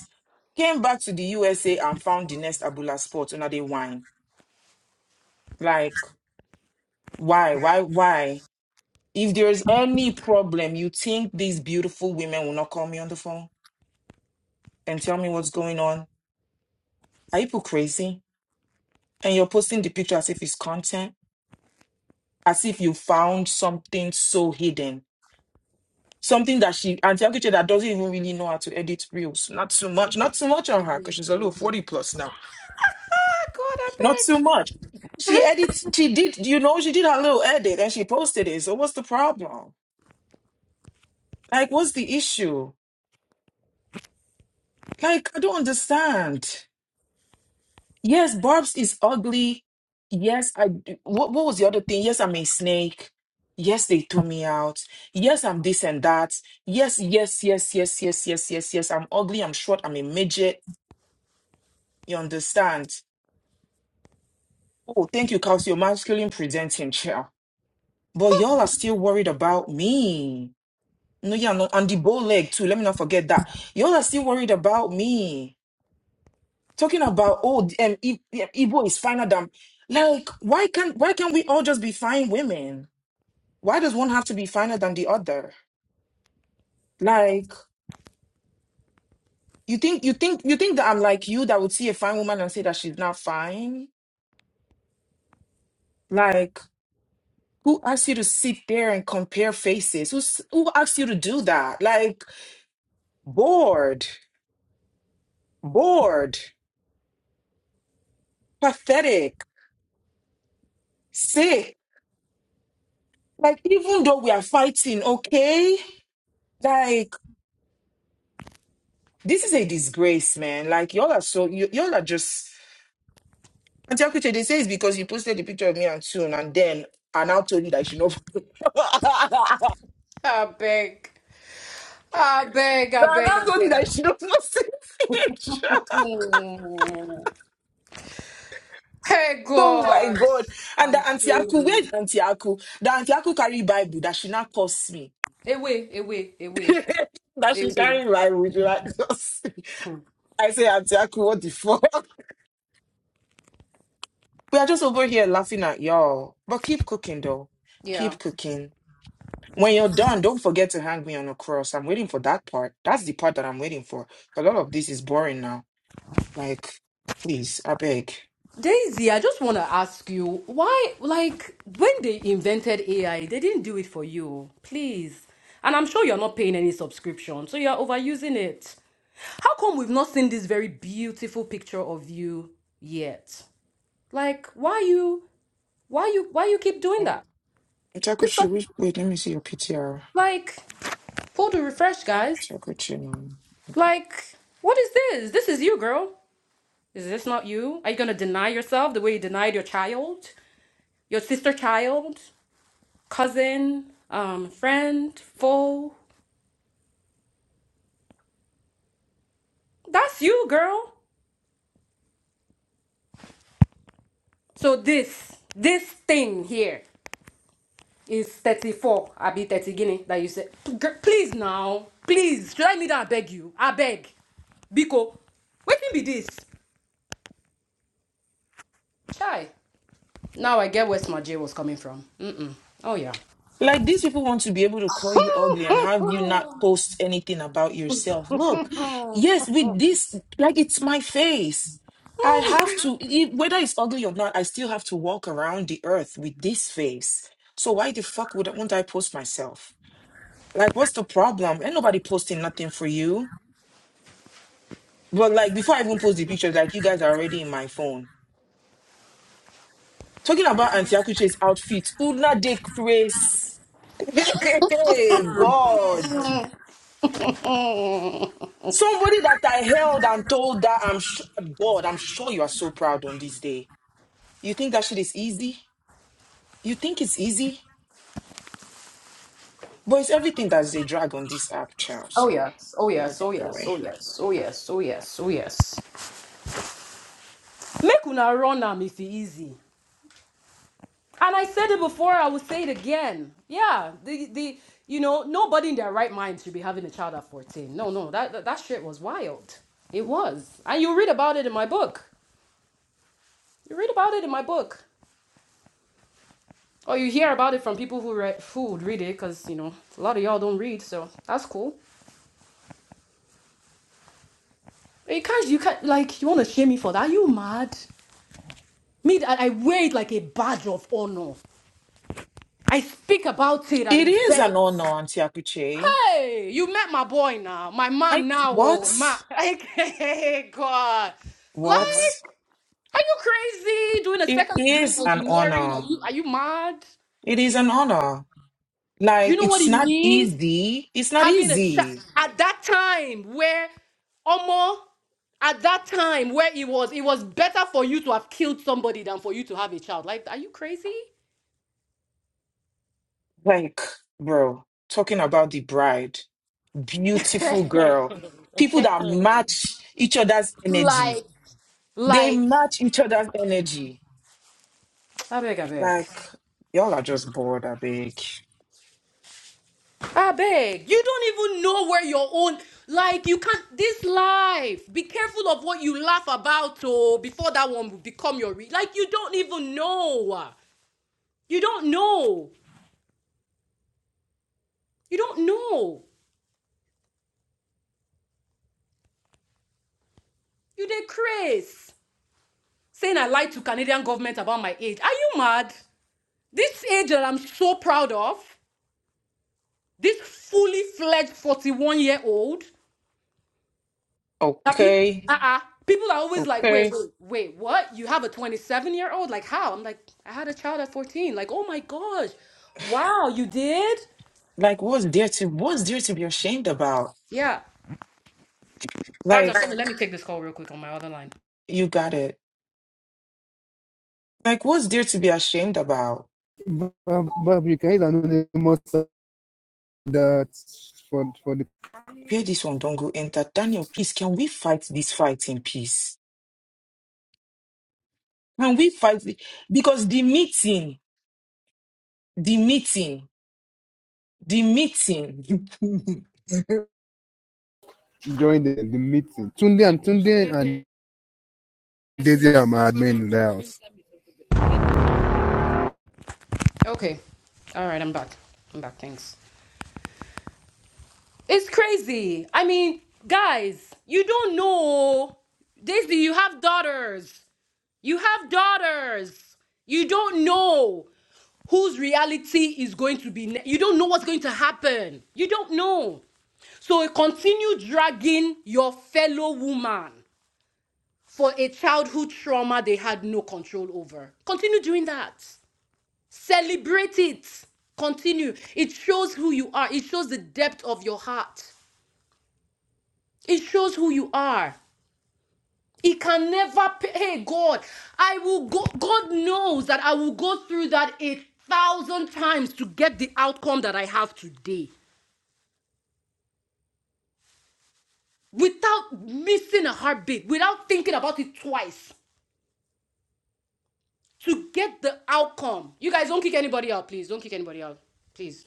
Came back to the USA and found the next Abula spot Another the wine. Like, why, why, why? If there's any problem, you think these beautiful women will not call me on the phone and tell me what's going on? Are you people crazy? And you're posting the picture as if it's content, as if you found something so hidden. Something that she, Auntie Akuche, that doesn't even really know how to edit reels. Not too much, not too much on her because she's a little 40 plus now.
ah, God,
Not
I
too much. She
beg.
edits, she did, you know, she did her little edit and she posted it. So what's the problem? Like, what's the issue? Like, I don't understand. Yes, Barb's is ugly. Yes, I do. What, what was the other thing? Yes, I'm a snake. Yes, they threw me out. Yes, I'm this and that. Yes, yes, yes, yes, yes, yes, yes, yes. I'm ugly. I'm short. I'm a midget. You understand? Oh, thank you, Kelsey. Your masculine presenting chair. But y'all are still worried about me. No, yeah, no, and the bow leg too. Let me not forget that. Y'all are still worried about me. talking about oh um, I- I- Igbo is finer than like why can't why can't we all just be fine women? Why does one have to be finer than the other? Like you think you think you think that I'm like you that would see a fine woman and say that she's not fine? Like who asked you to sit there and compare faces? Who who asked you to do that? Like bored, bored, pathetic, sick. Like even though we are fighting, okay? Like. This is a disgrace, man. Like y'all are so y- y'all are just. Auntie Akuche, they say it's because you posted the picture of me and Soon, and then I now told you that she not.
I beg. I beg, I
I
beg,
now told you that
I
she not not see the picture.
beg. Hey
Oh my
God,
god! And
I'm
the Auntie
telling
Aku, where's
you.
Auntie Aku? The Auntie Aku carry Bible that she now cursed me.
Away, away, away,
that she
away.
carry Bible. She like, I say Auntie Aku, what the fuck? We are just over here laughing at y'all, but keep cooking though.
Yeah.
Keep cooking When you're done, don't forget to hang me on a cross. I'm waiting for that part. That's the part that I'm waiting for. A lot of this is boring now. Like, please, I beg.
Daisy, I just want to ask you why, like, when they invented AI, they didn't do it for you, please. And I'm sure you're not paying any subscription, so you're overusing it. How come we've not seen this very beautiful picture of you yet? Like, why you, why you, why you keep doing
Well,
that?
Chakuchi, wait, wait, let me see your PTR.
Like, pull the refresh, guys.
Chakuchi. no.
Like, what is this? This is you, girl. Is this not you? Are you gonna deny yourself the way you denied your child, your sister child, cousin, um, friend, foe? That's you, girl. So this, this thing here is 34, I be 30 guinea that you said. P- gir- Please now, please, Should I need that? I beg you. I beg. Biko, what can be this? Chai. Now I get where Smart J was coming from. Mm-mm. Oh yeah.
Like these people want to be able to call you ugly and have you not post anything about yourself. Look, yes, with this, like it's my face. I have to, e- whether it's ugly or not, I still have to walk around the earth with this face. So why the fuck would I, won't I post myself? Like, what's the problem? Ain't nobody posting nothing for you. But like before I even post the pictures, like you guys are already in my phone. Talking about Auntie Akuche's outfit, Una de Grace. Hey, God.
Mm.
Somebody that I held and told that I'm sure, God, I'm sure you are so proud on this day. You think that shit is easy? You think it's easy? But it's everything that's a drag on this app, child.
Oh
So,
yes, oh
you'll
yes, oh
get the
yes,
way.
oh yes, oh yes, oh yes, oh yes. Make una run am if e easy. And I said it before, I will say it again. Yeah, the the you know nobody in their right mind should be having a child at fourteen. No, no, that that, that shit was wild. It was, and you read about it in my book. You read about it in my book, or you hear about it from people who read who would read it, because you know a lot of y'all don't read, so that's cool. You can't you can't like you want to shame me for that? You mad? Me I wear it like a badge of honor. I speak about it at
It
it
is an
begs.
honor, Auntie Akuche.
Hey, you met my boy now, my
I,
man now,
what?
oh my! Hey, God,
What?
like, are you crazy? Doing a
It
second degree in
is an
engineering? Are
honor.
you are you mad?
It is an honor.
Do you
Like,
know what
it's
it
not
means
easy. It's not
having a child
easy.
at that time where, Omo, at that time where it was, it was better for you to have killed somebody than for you to have a child. Like, are you crazy?
Like, bro, talking about the bride, beautiful girl, people that match each other's energy.
like
They
Like,
match each other's energy.
I beg, I beg.
Like, y'all are just bored, I beg.
I beg, you don't even know where your own. Like, you can't. This life, be careful of what you laugh about, oh, before that one will become your. Re- like, you don't even know. You don't know. You don't know. You did Chris saying I lied to Canadian government about my age. Are you mad? This age that I'm so proud of, this fully fledged 41 year old. That pe-
Okay,
uh-uh. People are always like, wait,
okay.
wait, wait, what? You have a 27 year old? Like, how? I'm like, I had a child at 14. Like, oh my gosh. Wow, you did?
Like, what's there to what's there to be ashamed about?
Yeah. Barbs,
Like,
sorry. Let me take this call real quick on my other line.
you got it. Like, what's there to be ashamed about?
But, but you guys are not that for for the
Where this one don't go enter. Daniel, please, can we fight this fight in peace? Can we fight? the- Because the meeting, the meeting The meeting.
join the, the meeting. Tunde and Tunde and Daisy are my admin in the house.
Okay. All right, I'm back. I'm back. Thanks. It's crazy. I mean, guys, you don't know. Daisy, you have daughters. You have daughters. You don't know. whose reality is going to be ne- you don't know what's going to happen you don't know so continue dragging your fellow woman for a childhood trauma they had no control over continue doing that celebrate it continue it shows who you are it shows the depth of your heart it shows who you are it can never pay. Hey, God, I will go. God knows that I will go through that a thousand times to get the outcome that I have today. without missing a heartbeat, without thinking about it twice to get the outcome. You guys don't kick anybody out, please. Don't kick anybody out, please.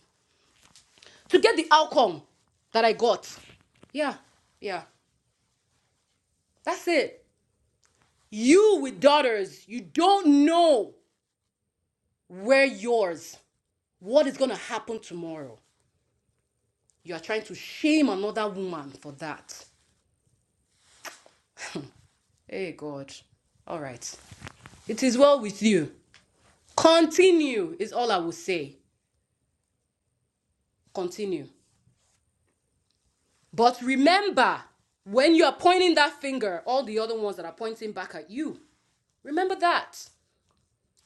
To get the outcome that I got. Yeah, yeah. That's it. You with daughters, you don't know where yours, what is going to happen tomorrow. You are trying to shame another woman for that. Hey, God. All right. It is well with you. Continue, is all I will say. Continue. But remember, when you are pointing that finger, all the other ones that are pointing back at you, remember that.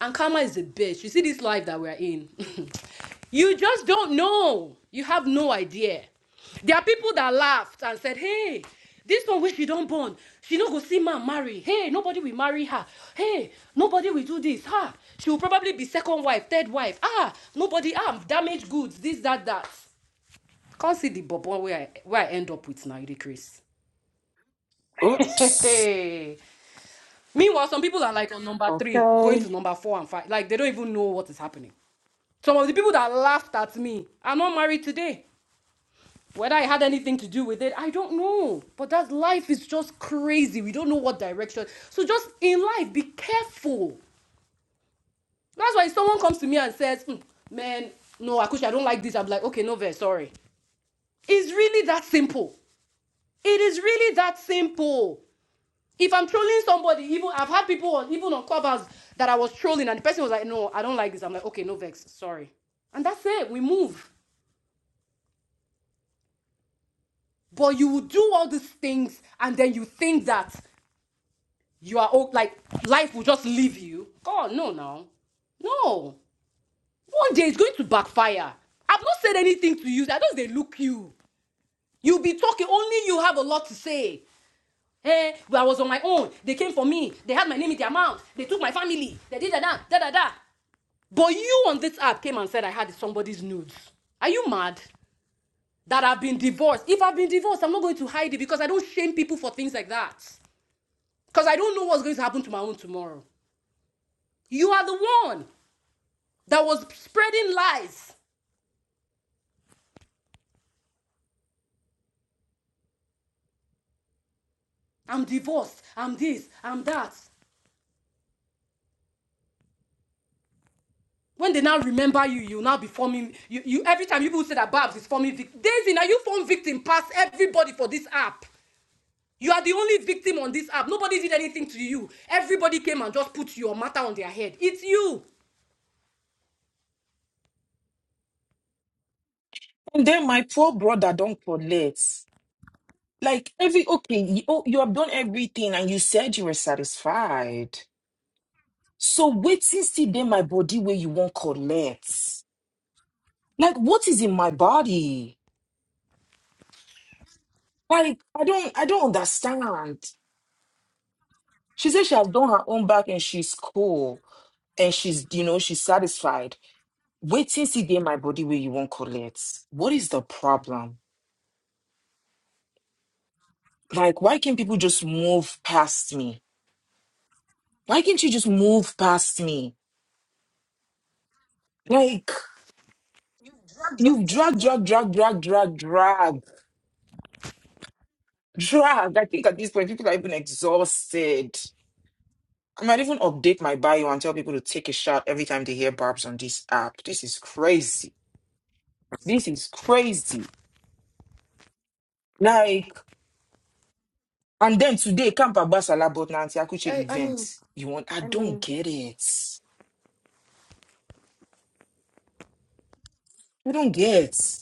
And karma is a bitch. You see this life that we're in. you just don't know. You have no idea. There are people that laughed and said, hey, this one wish she don't born. She no go see man marry. Hey, nobody will marry her. Hey, nobody will do this. Ah, she will probably be second wife, third wife. Ah, nobody. Ah, damaged goods. This, that, that. Can't see the bobo where I, where I end up with now, you dey
Oops.
Hey. Meanwhile, some people are like on number three, going
Okay.
to number four and five. Like they don't even know what is happening. Some of the people that laughed at me are not married today. Whether I had anything to do with it, I don't know. But that life is just crazy. We don't know what direction. So just in life, be careful. That's why if someone comes to me and says, "Mm, "Man, no, Akushi, I don't like this," I'm like, "Okay, no, very sorry." It's really that simple. It is really that simple. If I'm trolling somebody, even I've had people on even on Clubhouse that I was trolling, and the person was like, "No, I don't like this." I'm like, "Okay, no vex, sorry," and that's it. We move. But you will do all these things, and then you think that you are like life will just leave you. God, no, no, no. One day it's going to backfire. I've not said anything to you. I don't. they look you. You be talking. Only you have a lot to say. Hey, well, I was on my own. They came for me. They had my name in their mouth. They took my family. They did that, that, da da da. But you on this app came and said I had somebody's nudes. Are you mad that I've been divorced? If I've been divorced, I'm not going to hide it because I don't shame people for things like that. Because I don't know what's going to happen to my own tomorrow. You are the one that was spreading lies. I'm divorced. I'm this. I'm that. When they now remember you, you now be forming. You, you every time people say that Babs is forming victim. Daisy, now you form victim Pass everybody for this app. You are the only victim on this app. Nobody did anything to you. Everybody came and just put your matter on their head. It's you.
And then my poor brother don't collect. Like every okay, you, oh, you have done everything and you said you were satisfied. So wait till see then my body where you won't collect. Like what is in my body? Like I don't I don't understand. She said she has done her own back and she's cool and she's you know she's satisfied. Wait till see then my body where you won't collect. What is the problem? Like, why can't people just move past me? Why can't you just move past me? Like, you've dragged, drag, drag, drag, drag, drag, drag. I think at this point, people are even exhausted. I might even update my bio and tell people to take a shot every time they hear barbs on this app. This is crazy. This is crazy. Like, and then today, Camp Abbasala Botna Nancy Akuche
I, I
event.
mean,
You want, I
I
don't
mean,
get it. I don't get.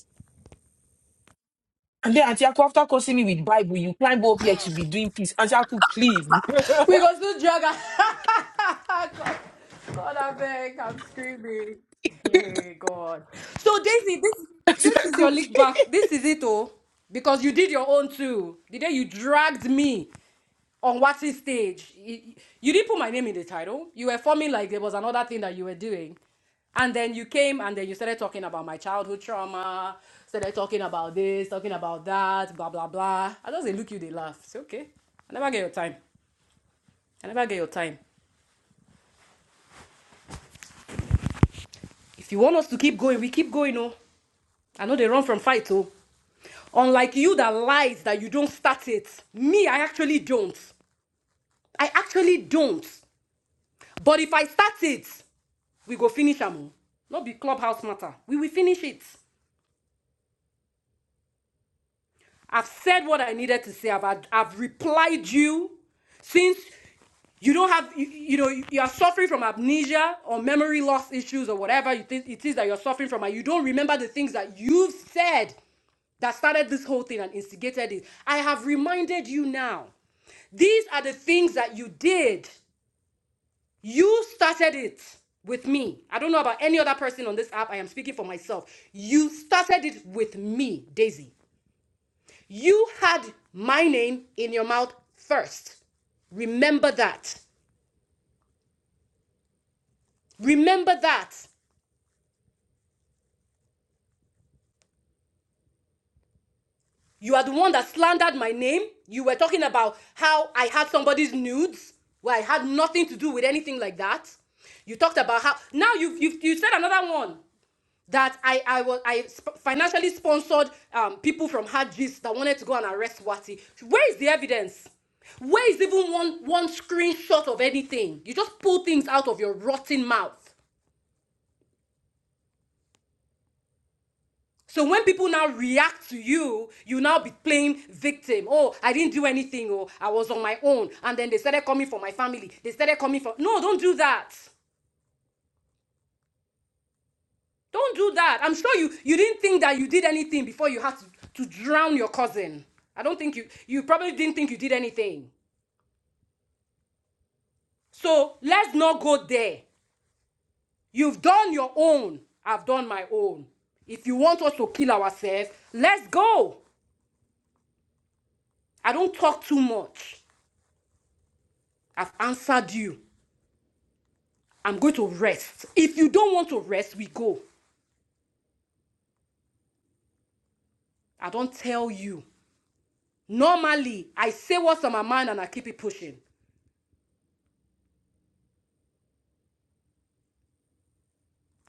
And then Auntie Aku, after cursing me with Bible, you climb up here to be doing peace. Auntie Aku, please.
We got still drag God, God, I beg, I'm screaming. Hey, God. So Daisy, this
Auntie
this is
Aku,
your lick back.
please.
This is it, oh, because you did your own too. The day you dragged me. on what's his stage. You, you didn't put my name in the title. You were forming like there was another thing that you were doing. And then you came and then you started talking about my childhood trauma, started talking about this, talking about that, blah, blah, blah. I just they look you, they laugh. It's okay, I never get your time. I never get your time. If you want us to keep going, we keep going, oh. I know they run from fight, oh. Unlike you that lies that you don't start it. Me, I actually don't. I actually don't. But if I start it, we go finish am o no be clubhouse matter we will finish it i've said what i needed to say i've i've replied you since you don't have you, you know you are suffering from amnesia or memory loss issues or whatever you it is that you're suffering from and you don't remember the things that you've said that started this whole thing and instigated it i have reminded you now these are the things that you did You started it with me. I don't know about any other person on this app. I am speaking for myself. You started it with me, Daisy. You had my name in your mouth first. Remember that. Remember that. You are the one that slandered my name. You were talking about how I had somebody's nudes. Well, I had nothing to do with anything like that. You talked about how now you've, you've you said another one. that I I was I sp- financially sponsored um, people from Hadjis that wanted to go and arrest Wati. Where is the evidence? Where is even one one screenshot of anything? You just pull things out of your rotten mouth. So when people now react to you, you now be playing victim. Oh, I didn't do anything. Oh, I was on my own. And then they started coming for my family. They started coming for. No, don't do that. Don't do that. I'm sure you you didn't think that you did anything before you had to, to drown your cousin. I don't think you you probably didn't think you did anything. So let's not go there. You've done your own. I've done my own. If you want us to kill ourselves, let's go. I don't talk too much. I've answered you. I'm going to rest. If you don't want to rest, we go. I don't tell you. Normally, I say what's on my mind and I keep it pushing.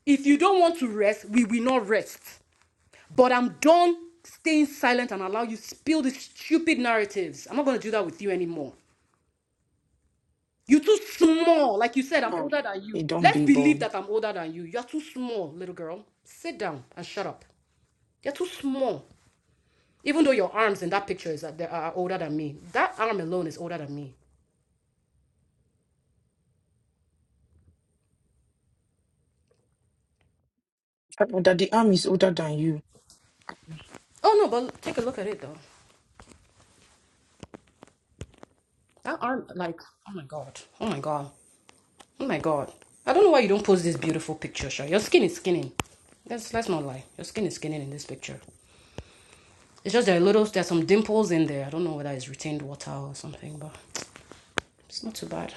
If you don't want to rest, we will not rest. But I'm done staying silent and allow you spill these stupid narratives. I'm not going to do that with you anymore. You're too small. Like you said, I'm
Ah,
older than
Hey,
you.
don't
Let's
be
believe
gone.
that I'm older than you. You're too small, little girl. Sit down and shut up. You're too small. Even though your arms in that picture is that they are older than me. That arm alone is older than me.
That the arm is older than you.
Oh no, but take a look at it though. That arm, like, oh my god, oh my god, oh my god. I don't know why you don't post this beautiful picture, Sha. Your skin is skinning. Let's let's not lie. Your skin is skinning in this picture. It's just there are little, there's some dimples in there. I don't know whether it's retained water or something, but it's not too bad.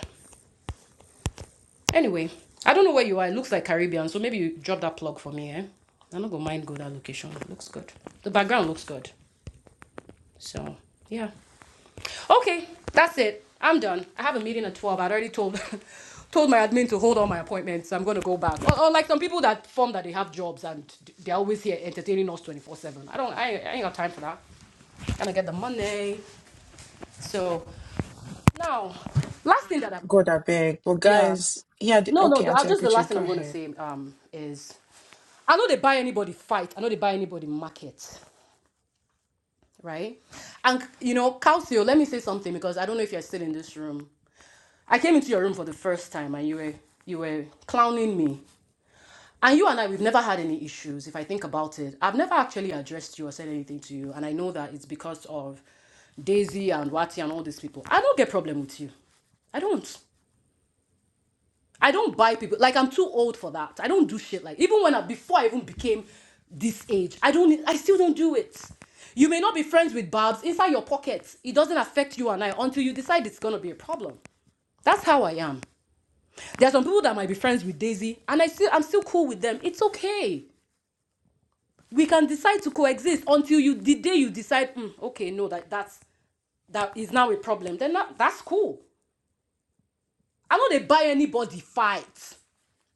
Anyway, I don't know where you are. It looks like Caribbean, so maybe you drop that plug for me, eh? I'm not gonna mind go that location. It looks good. The background looks good. So yeah. Okay, that's it. I'm done. I have a meeting at 12. I'd already told told my admin to hold all my appointments. I'm gonna go back. Or, or like some people that form that they have jobs and they're always here entertaining us 24-7. I don't I, I ain't got time for that. Gotta get the money. So Now, last thing that I'm
God, I beg. But
yeah
guys, yeah, the,
no no
okay,
the- uh,
Auntie
just the last
Akuche,
thing
go
I'm gonna
ahead.
say um is I know they buy anybody fight I know they buy anybody market right and you know Calcio let me say something because I don't know if you're still in this room I came into your room for the first time and you were you were clowning me and you and I we've never had any issues if I think about it I've never actually addressed you or said anything to you and I know that it's because of Daisy and Wati and all these people I don't get problem with you I don't. I don't buy people. Like I'm too old for that. I don't do shit like even when I before I even became this age. I don't. I still don't do it. You may not be friends with Babs inside your pockets. It doesn't affect you and I until you decide it's gonna be a problem. That's how I am. There are some people that might be friends with Daisy, and I still I'm still cool with them. It's okay. We can decide to coexist until you the day you decide. "Mm, okay, no, that that's that is now a problem. Then that, that's cool. I'm not a buy anybody fight,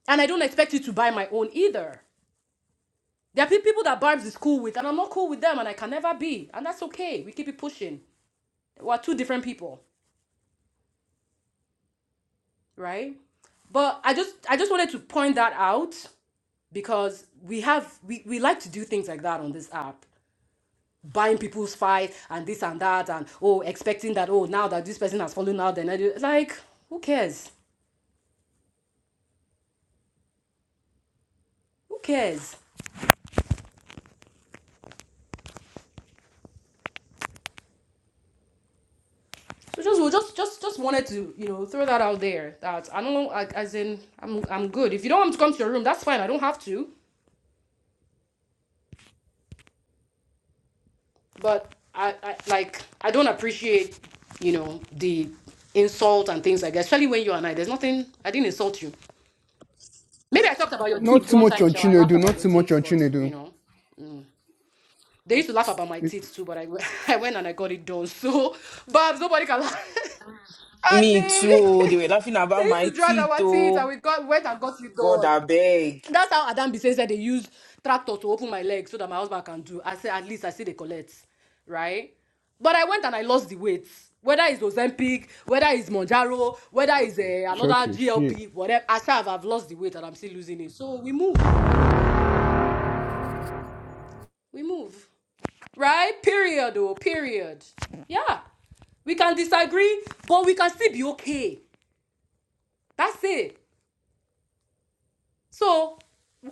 and I don't expect you to buy my own either. There are people that Barbs is cool with, and I'm not cool with them, and I can never be, and that's okay. We keep it pushing. We're two different people, right? But I just I just wanted to point that out because we have we, we like to do things like that on this app. Buying people's fight and this and that and oh expecting that oh now that this person has fallen out then I do like who cares? Who cares? So just we just just just wanted to, you know, throw that out there. That I don't know as in I'm I'm good. If you don't want to come to your room, that's fine. I don't have to. but I, I like I don't appreciate you know the insult and things like that, especially when you and I. There's nothing I didn't insult you. Maybe I talked about your
Not
teeth
too
one
much
time,
on
shall I laughed
Chinedu,
about
not
your
too much
teeth,
on
but you
Chinedu.
know. mm. They used to laugh about my teeth too, but I, w- I went and I got it done. So, Babs, nobody can laugh. I
Me too.
said,
They were laughing
they
about
used
my
to drag
teeth,
our teeth and
oh.
we got went and got it
God,
done.
I beg.
That's how Adam Bisen said they used tractor to open my legs so that my husband can do. I said, at least I see the collect, right? But I went and I lost the weight. Whether it's Ozempic, whether it's Monjaro, whether it's uh, another
Choke your shit.
GLP, whatever. I said, I've I've lost the weight and I'm still losing it. So we move. We move. Right? Period, oh, period. Yeah. We can disagree, but we can still be okay. That's it. So,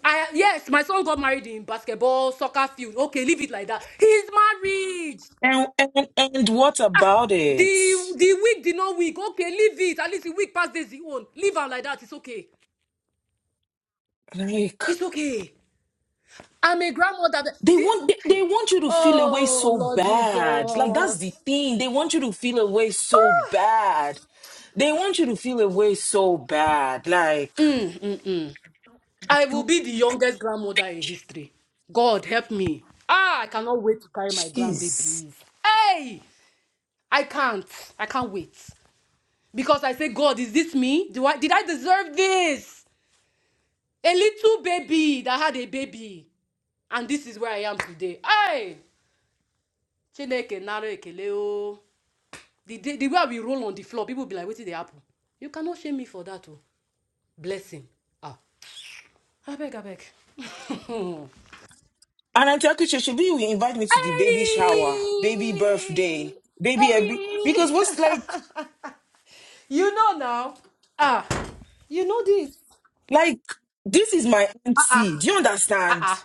I yes, my son got married in basketball, soccer field. Okay, leave it like that. He's married.
And, and, and what about it?
The the week did not week. Okay, leave it. At least the week past days he own. Leave am like that. It's okay.
Like,
It's okay. I'm a grandmother. that-
they want they,
the-
they want you to feel away
oh
so
Lord
bad. Like that's
Jesus.
the thing. They want you to feel away so bad. They want you to feel a way so bad. Like,
Mm, mm, mm. I will
don't-
be the youngest grandmother in history. God help me. Ah, I cannot wait to carry my
jeez.
grandbabies. Hey, I can't. I can't wait. because I say, God, is this me? Do I, did I deserve this? A little baby that had a baby, and this is where I am today. Hey, Chineke naro ekele o. The, day- the way we roll on the floor, people be like, "What did they happen?" You cannot shame me for that, oh. Blessing. Ah, I beg, I beg.
And I tell Kiche, should be you invite me
Hey,
to the baby shower, baby birthday, baby every. Because
hey.
what's like,
you know now. Ah, you know this.
like, this is my auntie. Do you
Ah uh
understand?
ah. -uh.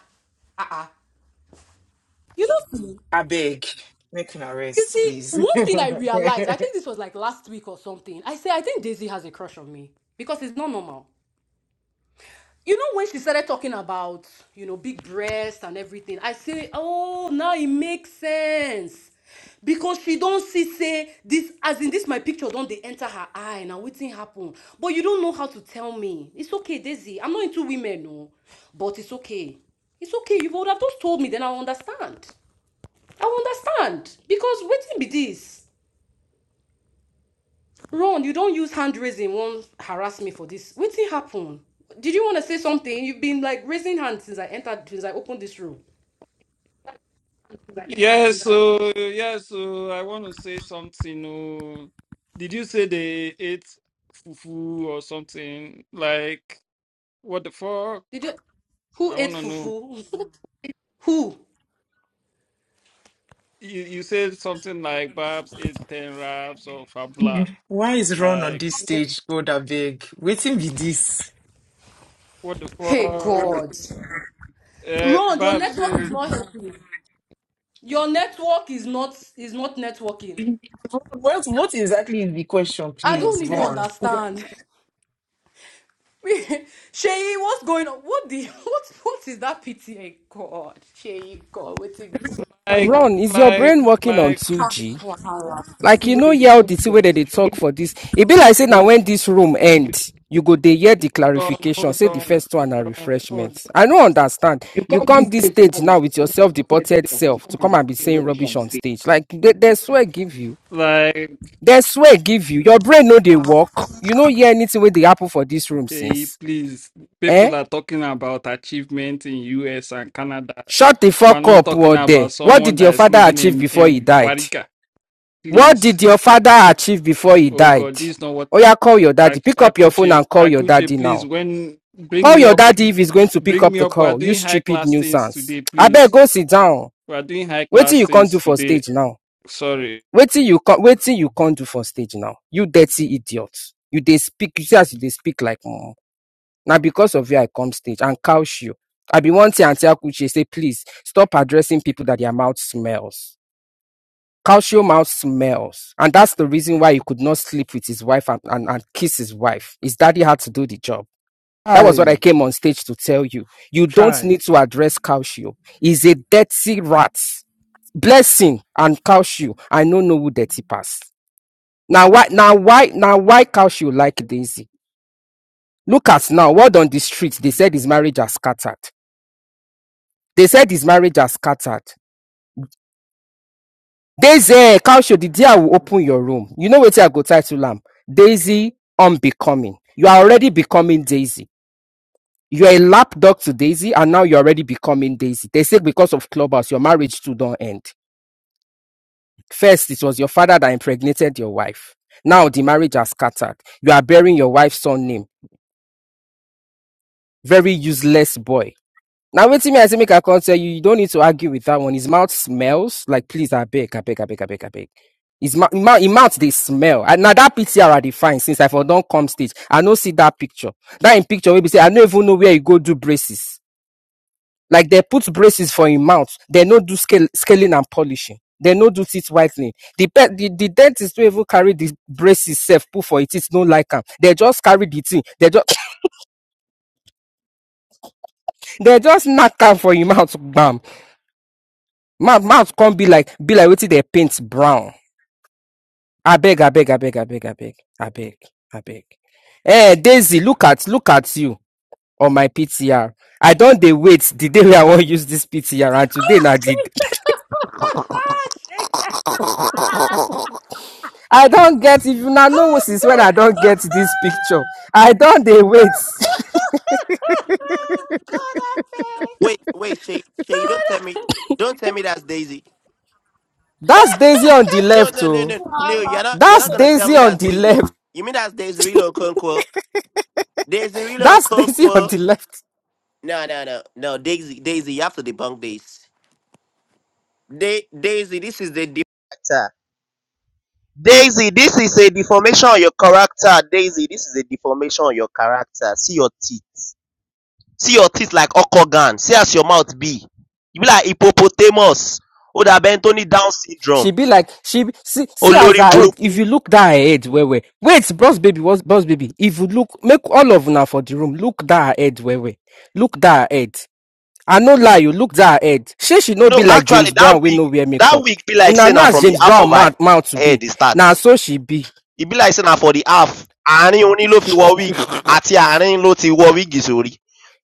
You know.
I beg. Make an
You
arrest,
see,
please.
one thing I realized, I think this was like last week or something. I say, I think Daisy has a crush on me because it's not normal. You know, when she started talking about, you know, big breasts and everything, I say, oh, now it makes sense. Because she don't see, say, this, as in this, my picture don't they enter her eye, now waiting happen. But you don't know how to tell me. It's okay, Daisy. I'm not into women, no. But it's okay. It's okay. You would have just told me, then i understand. i understand. Because waiting be this. Ron, you don't use hand raising. Won't harass me for this. What's it happen? Did you want to say something? You've been like raising hands since I entered, since I opened this room.
Yes, so yes, so I want to say something. Oh, did you say they ate fufu or something? Like, what the fuck?
Did you? Who
I
ate
want to know.
fufu? Who?
You, you said something like Babs ate 10 raps or Fabla.
Why is Ron on
Like,
this stage? God, I beg. Waiting with this.
what the
Hey
fuck?
God,
Uh,
Ron, your
Babs,
network
so,
is not helping. Your network is not is not networking.
What, what exactly is the question,
I
you-
don't
please,
even
Ron?
understand. Sheyi, what's going on? What the what what is that pity? Hey God, Sheyi, God, waiting.
like,
Ron, is your
like,
brain working on
like,
2G?
Wow.
Like
see
you
what
know,
they dey
yeah,
talk
the
for
way that
this.
they talk for this. It be like say now
Hold
when this room end, you go they hear the
on, hold
clarification.
on,
Say the
hold
first one are
on, hold on.
refreshments. I don't understand.
You
You
come this
come this
stage
stage
now with
now
your
with your
self-reported
self-deported
to
self to
come and
come
be
and be
saying
saying
rubbish
rubbish
on
on
stage.
stage. Like they, they swear give you.
Like,
They swear give you. Your brain know they work. You know hear anything with the apple for this room
hey,
since.
please,
Eh?
people are talking about achievement in US and Canada.
Shut the
We're
fuck
not
up,
talking
or there.
about
What
someone
did your
that is
father
living
achieve
in,
before he
in
died?
Barica.
What
Please.
did your father achieve before he
Oh
died?
God, this is not what
Oh yeah, call your daddy.
I
Pick up your phone
Akuche
and call your
Akuche,
daddy
please,
now.
when bring
Call
me
your
up
daddy if he's going to pick
bring
up
me
the
up. We are
call. You
doing high
stupid
class things
nuisance.
today,
I bet
please.
go sit down.
We are doing high
Wait till
class
you can't
things
do for
today.
stage now.
Sorry.
Wait till you can wait till you can't do for stage now. You dirty idiot. You they speak you see as you they speak like mom. Now because of you I come stage and couch you. I be wanting thing Auntie Akuche say please stop addressing people that their mouth smells. Calcio mouth smells. And that's the reason why he could not sleep with his wife and, and, and kiss his wife. His daddy had to do the job. That was what I
Hey,
came on stage to tell you. You don't
try.
need to address Calcio. He's a dirty rat. Blessing and Calcio. I don't know who dirty pass. Now why now why now why Calcio like Daisy? Look at now, word on the street. They said his marriage has scattered. They said his marriage has scattered. Daisy, Kausho, the day I will open your room. You know what I go title am? Daisy Unbecoming. You are already becoming Daisy. You are a lapdog to Daisy, and now you're already becoming Daisy. They say because of clubhouse, your marriage too don't end. First, it was your father that impregnated your wife. Now the marriage has scattered. You are bearing your wife's son name. Very useless boy. Now wait till me, I say make I come tell you. You don't need to argue with that one. His mouth smells like please, I beg, I beg, I beg, I beg, I beg. His mouth, his mouth, they smell. And now that picture I define since I for don't come stage. I no see that picture. That in picture we be say I no even know where you go do braces. Like they put braces for him mouth. They no do scale, scaling and polishing. They no do teeth whitening. The, pe- the the dentist don't even carry the braces self put for it. It's no like like 'em. They just carry the thing. They just they just knock 'em for him mouth. Bam. mouth mouth not be like be like wetin dey paint brown abeg abeg abeg abeg abeg abeg abeg eh daisy look at look at you on my ptr i don dey wait the day wey i wan use this ptr and today na the d- i don get if una
Oh,
know since when
God.
i don get this picture i don dey wait
God, I beg.
Wait, wait, Shay,
God,
Shay, don't
I-
tell me, don't tell me that's Daisy.
that's daisy on the
No,
left
no, no,
oh
no, no. You're not, you're
that's
not gonna tell
daisy
me
on
that's
the
Daisy.
left
You mean that's Daisy Rilo Okonkwo? Daisy Rilo
that's daisy on
Okonkwo?
the left
No, no, no, no. Daisy, Daisy, you have to debunk this. Da- Daisy, this is the de- character. Daisy, this is a deformation on your character. Daisy, this is a deformation on your character. See your teeth. See your teeth like Okogan. See as your mouth be. You be like hippopotamus. Oda Bentoni Down syndrome.
She be like, she be, see, see as
Olori
her head.
Buruku.
If you look down her head, where where wait, boss baby, what's boss baby? If you look, make all of now for the room. Look down her head, where where look down her head. I no lie, you look down her head. She should not
No,
be like
actually,
James
that
Brown. We
wig,
no wear
that
makeup.
wig be like
Una
saying
know
na
as
from the
James
half
Brown
of her
mouth mouth to be.
head e start.
Now so she be.
E be like saying na for the half. Àárín orin ló fi wọ wig àti àárín ló ti wọ wig sórí.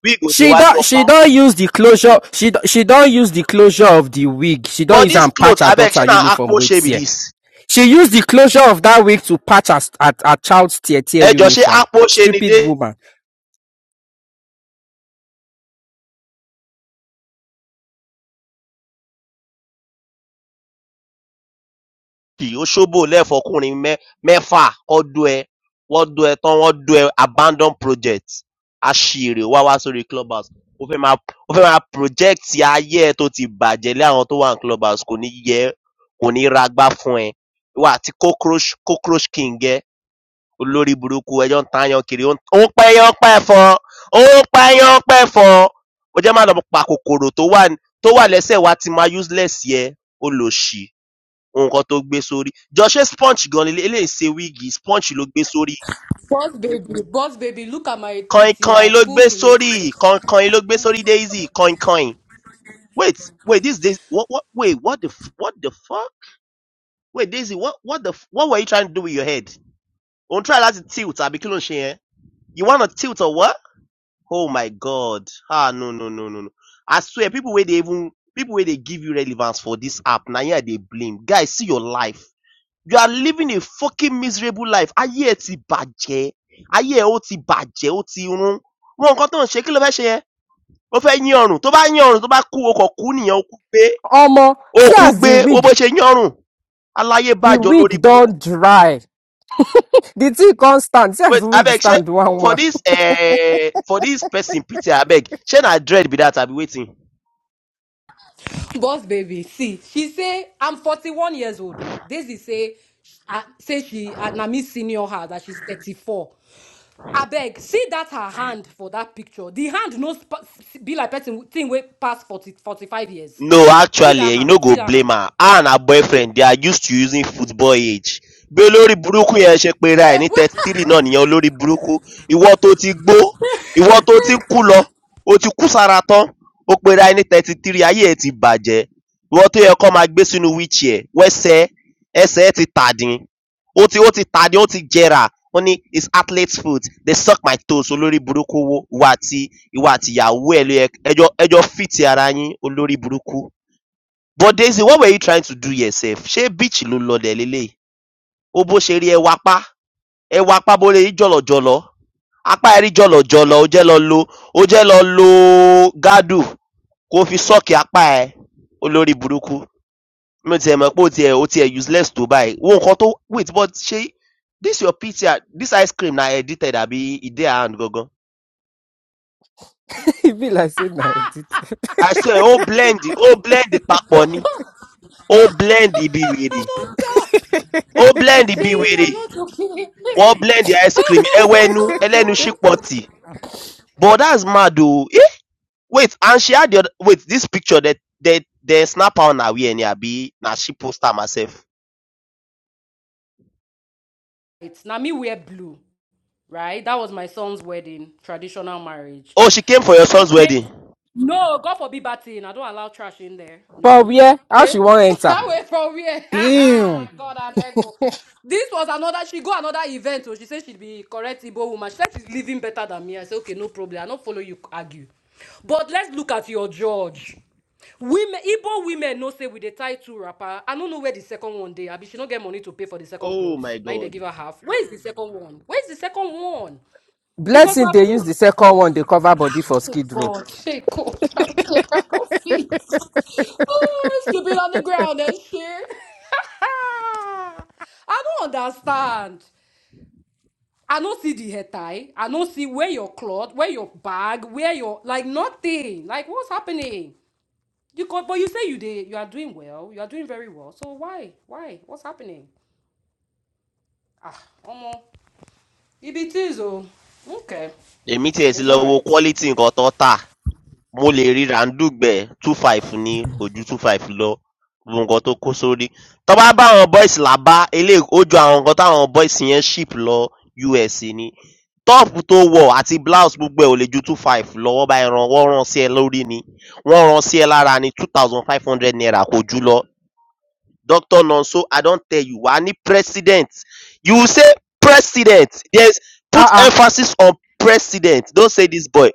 Wig ò
She
déwájú
don't she
ọpọ́n.
don't use the closure. She don- she don't use the closure of the wig. She don't
But
use
this
and
cloth
patch her
abeg
daughter
ṣé na
uniform.
akpo
Wait
ṣe be
here.
this?
She used the closure of that week to patch her, her, her child's tear tear
Ẹ jọ ṣé
uniform.
akpo ṣe ni
Stupid
dé
woman.
kì ó ṣóbòlẹ̀ fọkùnrin mẹ́ mẹ́fà kán dó ẹ, wọ́n dó ẹ tán wọ́n dó ẹ abandon project, aṣìrè wá wá sórí clubhouse, ó fẹ́ máa ó fẹ́ máa project ayé ẹ tó ti bàjẹ́ lé àwọn tó wà ní clubhouse kò ní yẹ ẹ́, kò ní ragbá fún ẹ, ìwọ àti cockroach cockroach king ẹ olórí burúkú ẹ jọ́ ń tààyàn kiri, ó ń ó ń pẹ́yán pẹ̀fọn, ó ń pẹ́yán pẹ̀fọn, o jẹ́ má lọ pa kòkòrò tó wà ní tó wà lẹ́sẹ̀ wa ti ma useless yẹn olòṣì nǹkan tó gbé sórí. Jọ ṣé sponge gan leléyìí? Eléyìí ń ṣe wíìgì, sponge ló gbé sórí.
Boss baby, boss baby, look at my
Kọ̀ìnkọ̀ìn
PTR.
ló
Pull
gbé
to
sórí,
refresh.
kọ̀ìnkọ̀ìn ló gbé sórí Daisy, kọ̀ìnkọ̀ìn. Wait, wait, this Daisy, what, what, wait, what the, f- what the fuck? Wait, Daisy, what, what the, f- what were you trying to do with your head? Òun try láti tilt àbí kí ló ń ṣe yẹn? You wanna tilt or what? Oh my god. Ah, no, no, no, no, no. I swear, people wey dey even, people wey dey give you relevance for this app, na here I dey blame. Guys, see your life. You are living a fucking miserable life. Ayé ẹ ti bàjẹ́. Ayé ẹ ó ti bàjẹ́, ó ti rún. Wo nǹkan tó ń ṣe, kí ló fẹ́ ṣe yẹn? Ó fẹ́ yín ọrùn. Tó bá yín ọrùn, tó bá kú, o kàn kú nìyẹn, o kú gbé.
Omo,
O
see
kú
as
gbé,
the
wo bó
wig,
ṣe yín ọrùn. Aláyé
the
bàjọ́ lórí
wig
burúkú.
don dry. The thing can't stand. See as
Wait,
the wig
abeg ṣé
stand one
for
one.
this eh, for this person Peter abeg, ṣé na dread be that abi wetin?
Boss baby, see, she say I'm 41 years old. Oh. Daisy say, uh, say she uh, na me senior her that she's 34. I beg, see that her hand for that picture. The hand no sp- be like person thing way past 40, 45 years.
No
See that
actually you
hand,
no
see
go
that
blame
hand.
her, her and her boyfriend they are used to using football age. Bí olórí burúkú yẹn ṣe pera ẹ̀ ní thirty three náà nìyẹn olórí burúkú. Ìwọ tó ti gbó, ìwọ tó ti ń kú lọ, o ti kú sára tán, ó pera ẹ ní thirty three ayé ẹ ti bàjẹ́. Ìwọ tó yẹ kán máa gbé sínú wheelchair wẹ́sẹ̀ ẹsẹ̀ ẹ ti tàdín, ó ti ó ti tàdín ó ti jẹrà, ó ní it's athlete's foot they suck my toes olórí burúkú wo ìwọ àti ìwọ àti ìyàwó ẹ ló yẹ ẹjọ́ ẹjọ́ fit ara yín olórí burúkú. But Daisy what were you trying to do here sef? Ṣé beach ló ń lọ dẹ̀ leléyìí? Wo bó ṣe rí ẹwà pá, ẹwà pá bó lè rí jọ̀lọ̀jọ̀lọ̀. Apá ẹ̀ rí jọ̀lọ̀jọ̀lọ̀, o jẹ́ lọ lo o jẹ́ lọ lo gádù kó fi sọ́ọ̀kì apá ẹ olórí burúkú. Mi ò tiẹ̀ mọ̀ pé o tiẹ̀ o tiẹ̀ useless tó báyìí. Wo nǹkan tó wait but ṣé this your picture this ice cream na edited àbí e dey her hand gangan?
e be like say na edit.
I swear ó blend ó blend papọ̀ ni. Ó blend bí wèrè. Ó blend bí
Shay, you're
wèrè.
not okay.
wọ́n blend the ice cream ẹwẹ́nú ẹlẹ́nu ṣípọ̀tì but that's mad o. Eh, wait and she had the other, wait this picture that that the snap on her na where ni abi na she post am herself.
It's Nami wear blue, right? That was my son's wedding, traditional marriage.
Oh she came for your son's
Me-
wedding.
No, God forbid bad thing. I don't allow trash in there. No.
But where? How
Eh?
she wan enter?
Away from here.
Damn.
God, I beg you. This was another, she go another event. So she said she'd be correct Igbo woman. She said she's living better than me. I said, okay, no problem. I don't follow you argue. But let's look at your judge. Women, Igbo women no say with the tie two wrapper. I don't know where the second one they. I mean, she don't get money to pay for the second
Oh my
clothes. Now they
god.
give her half. Where is the second one? Where is the second one? Because
Blessing
now
They
two.
use the second one They cover body for skid row.
God, shit, God, I don't care no feet. Oh, sleeping on the ground and shit. I don't understand. I don't see the hair tie. I don't see where your cloth, where your bag, where your like nothing. Like what's happening? You got, but you say you did. You are doing well. You are doing very well. So why, why? What's happening? Ah, Omo, it be things, oh. Okay,
Èmi tiẹ̀ ti
it's
lọ
all
wo
right.
quality nǹkan tó tà. Mo lè rí Làndúgbẹ̀ 25 ní kò ju 25 lọ gbogbo nǹkan tó kó sórí. Tán bá báwọn boys Làbá eléyìí ó ju àwọn nǹkan táwọn boys yẹn ship lọ US ni. Top tó wọ̀ àti blouse gbogbo ẹ̀ ò lè ju 25 lọ, wọ́n bá ẹ ran wọ́n rán sí ẹ lórí ni, wọ́n ran sí ẹ lára ni, two thousand five hundred naira kò jù lọ. Doctor Nonso I don tell you I need president. You say president yes
Ah
put
ah.
emphasis on president don say dis boy.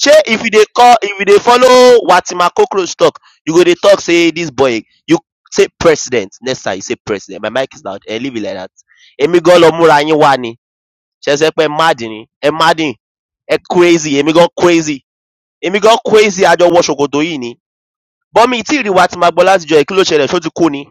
Shey if you dey call if you dey follow Watima cockroach talk you go dey talk sey dis boy you say president next time you say president my mic is loud um leave it like dat. Èmi gan lọ múra yín wá ni ṣé ẹ sọ pé ẹ mad ni ẹ mad ni ẹ crazy èmi gan crazy èmi gan crazy a jọ wọ ṣòkòtò yìí ni but mi ì tí ì rí Watima gbọ́ látijọ́ yìí kí ló ṣẹlẹ̀ ṣó ti kú ni?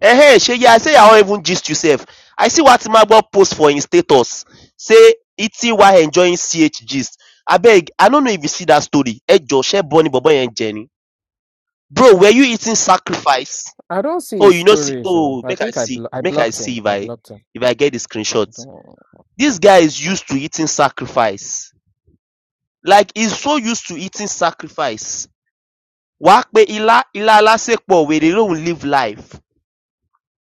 Ehen shey yeah, I say I wan even gist you sef. I see one Timagbo post for im status say eating while enjoying CH gist. Abeg I no know if you see that story. Ejo shey burn ni bobo yẹn jẹ ni. Bro were you eating sacrifice?
I don't see
Oh
his
you no see
stories oh.
oh
I
make I
think I
see
blo- I
make I
blocked
see
him.
if
I
I
blocked him.
if I get the screenshot.
I don't.
This guy is used to eating sacrifice. Like he's so used to eating sacrifice. Wàá pe ilá ilá alásèpọ̀ wèrè lòún live life.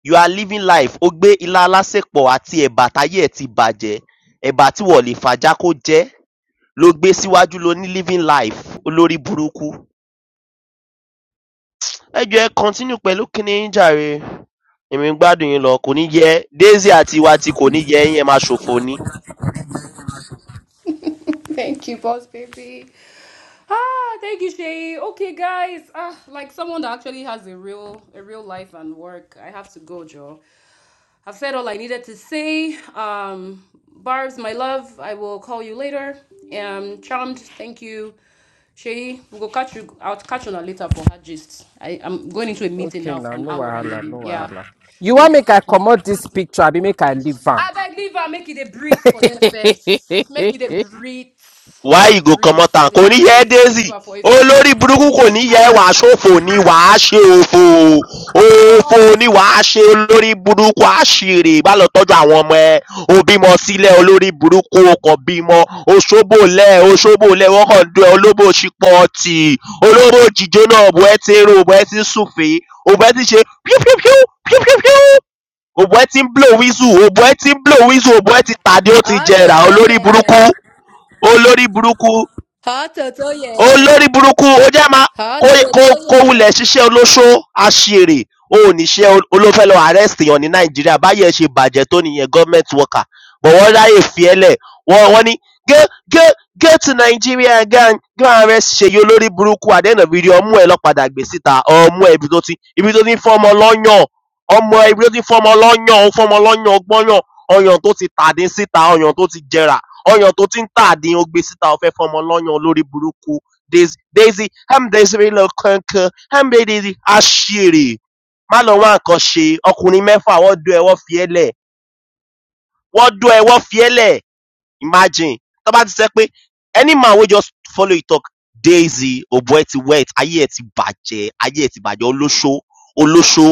You are living life. Ó gbé ilá alásèpọ̀ àti ẹ̀bà táyé ẹ̀ ti bàjẹ́, ẹ̀bà tí wọ̀n lè fàjá kó jẹ́ lo gbé síwájú lo ní living life olórí burúkú. Ẹ jọ̀ọ́ ẹ continue pẹ̀lú kiní yín jàre, èmi ń gbádùn yín lọ, kò ní yẹ ẹ́, Désí àti wa ti kò ní yẹ yín ẹ máa ṣòfò ni.
Thank you, boss baby. Ah, thank you, Shay. Okay, guys. Ah, like someone that actually has a real a real life and work. I have to go, Joe. I've said all I needed to say. Um, Barb's my love. I will call you later. Um, charmed. Thank you, Shay. We'll go catch you. I'll catch you on later for her gist. I I'm going into a meeting
Okay
now for
now,
an
no
hour and
wahala, no
then yeah.
wahala. You want
Thank you,
make
thank
I
you.
comot this picture? I Be make I leave am?
I beg leave her. Make it a breathe for them first. Make it a breathe. Make
Why
it a
you go
breathe.
comot am?
The
Kò ní yẹ ẹ́
craze. Leave
Daisy.
her for it.
Olórí burúkú kò ní yẹ ẹ́ wàá ṣòfò ni wàá ṣe òfò. Òfò ni wàá ṣe olórí burúkú àṣìrè. Má lọ tọ́jú àwọn ọmọ ẹ. O bímọ sílẹ̀ olórí burúkú o kàn bímọ. Oṣóbòlẹ̀ oṣóbòlẹ̀ wọ́n kàn ń dún ẹ olóbò ṣípọ̀tì. Olóbò jíjóná òbò ẹ ti ń ro òbò ẹ ti ń sùfèé. Òbò ẹ ti ń ṣe píú píú píú píú píú píú. Òbò ẹ ti ń blow whistle òbò ẹ ti ń blow whistle òbò ẹ ti tàdé ó ti
Hot
jẹrà olórí burúkú
چطوریه
olórí burúkú.
ها چطوریه
Olórí burúkú, o jẹ́ máa
ها
kó kó
چطوریه
wulẹ̀ ṣiṣẹ́ olóṣó aṣiwèrè o ò níṣẹ́ ló fẹ́ lọ arrest èèyàn ní Nàìjíríà báyìí ẹ̀ ṣe bàjẹ́ tó nìyẹn government worker but wọ́n ráyè fi ẹ́ lẹ̀ wọ́n wọ́n ní go go go to Nigeria go and go and arrest Ṣèyí olórí burúkú at the end of the day ọmú ẹ̀ lọ́ padà gbé síta ọmú ẹ̀ ibi tó ti ibi tó ti ń fọ́mọ lọ́yàn ọmọ ẹ̀ ibi tó ti ń fọ́mọ lọ́yàn ó fọ́mọ lọ́yàn ọgbọ́yàn ọyàn tó ti tàdín síta ọyàn tó ti jẹrà ọyàn tó ti ń tàdín ó gbé síta ó fẹ́ fọ́mọ lọ́yàn olórí burúkú. Daisy, Daisy, Ham Daisy lọ kankan, Ham Daisy aṣèrè. Má lọ wá nǹkan ṣe, ọkùnrin mẹ́fà wọ́n dún ẹwọ́ fi ẹ́lẹ̀. Wọ́n dún ẹwọ́ fi ẹ́lẹ̀, imagine. Tọ́ bá ti sẹ́ pé any man wey just follow you talk, Daisy, òbò ẹ ti wet, ayé ẹ ti bàjẹ́, ayé ẹ ti bàjẹ́, olóṣó, olóṣó.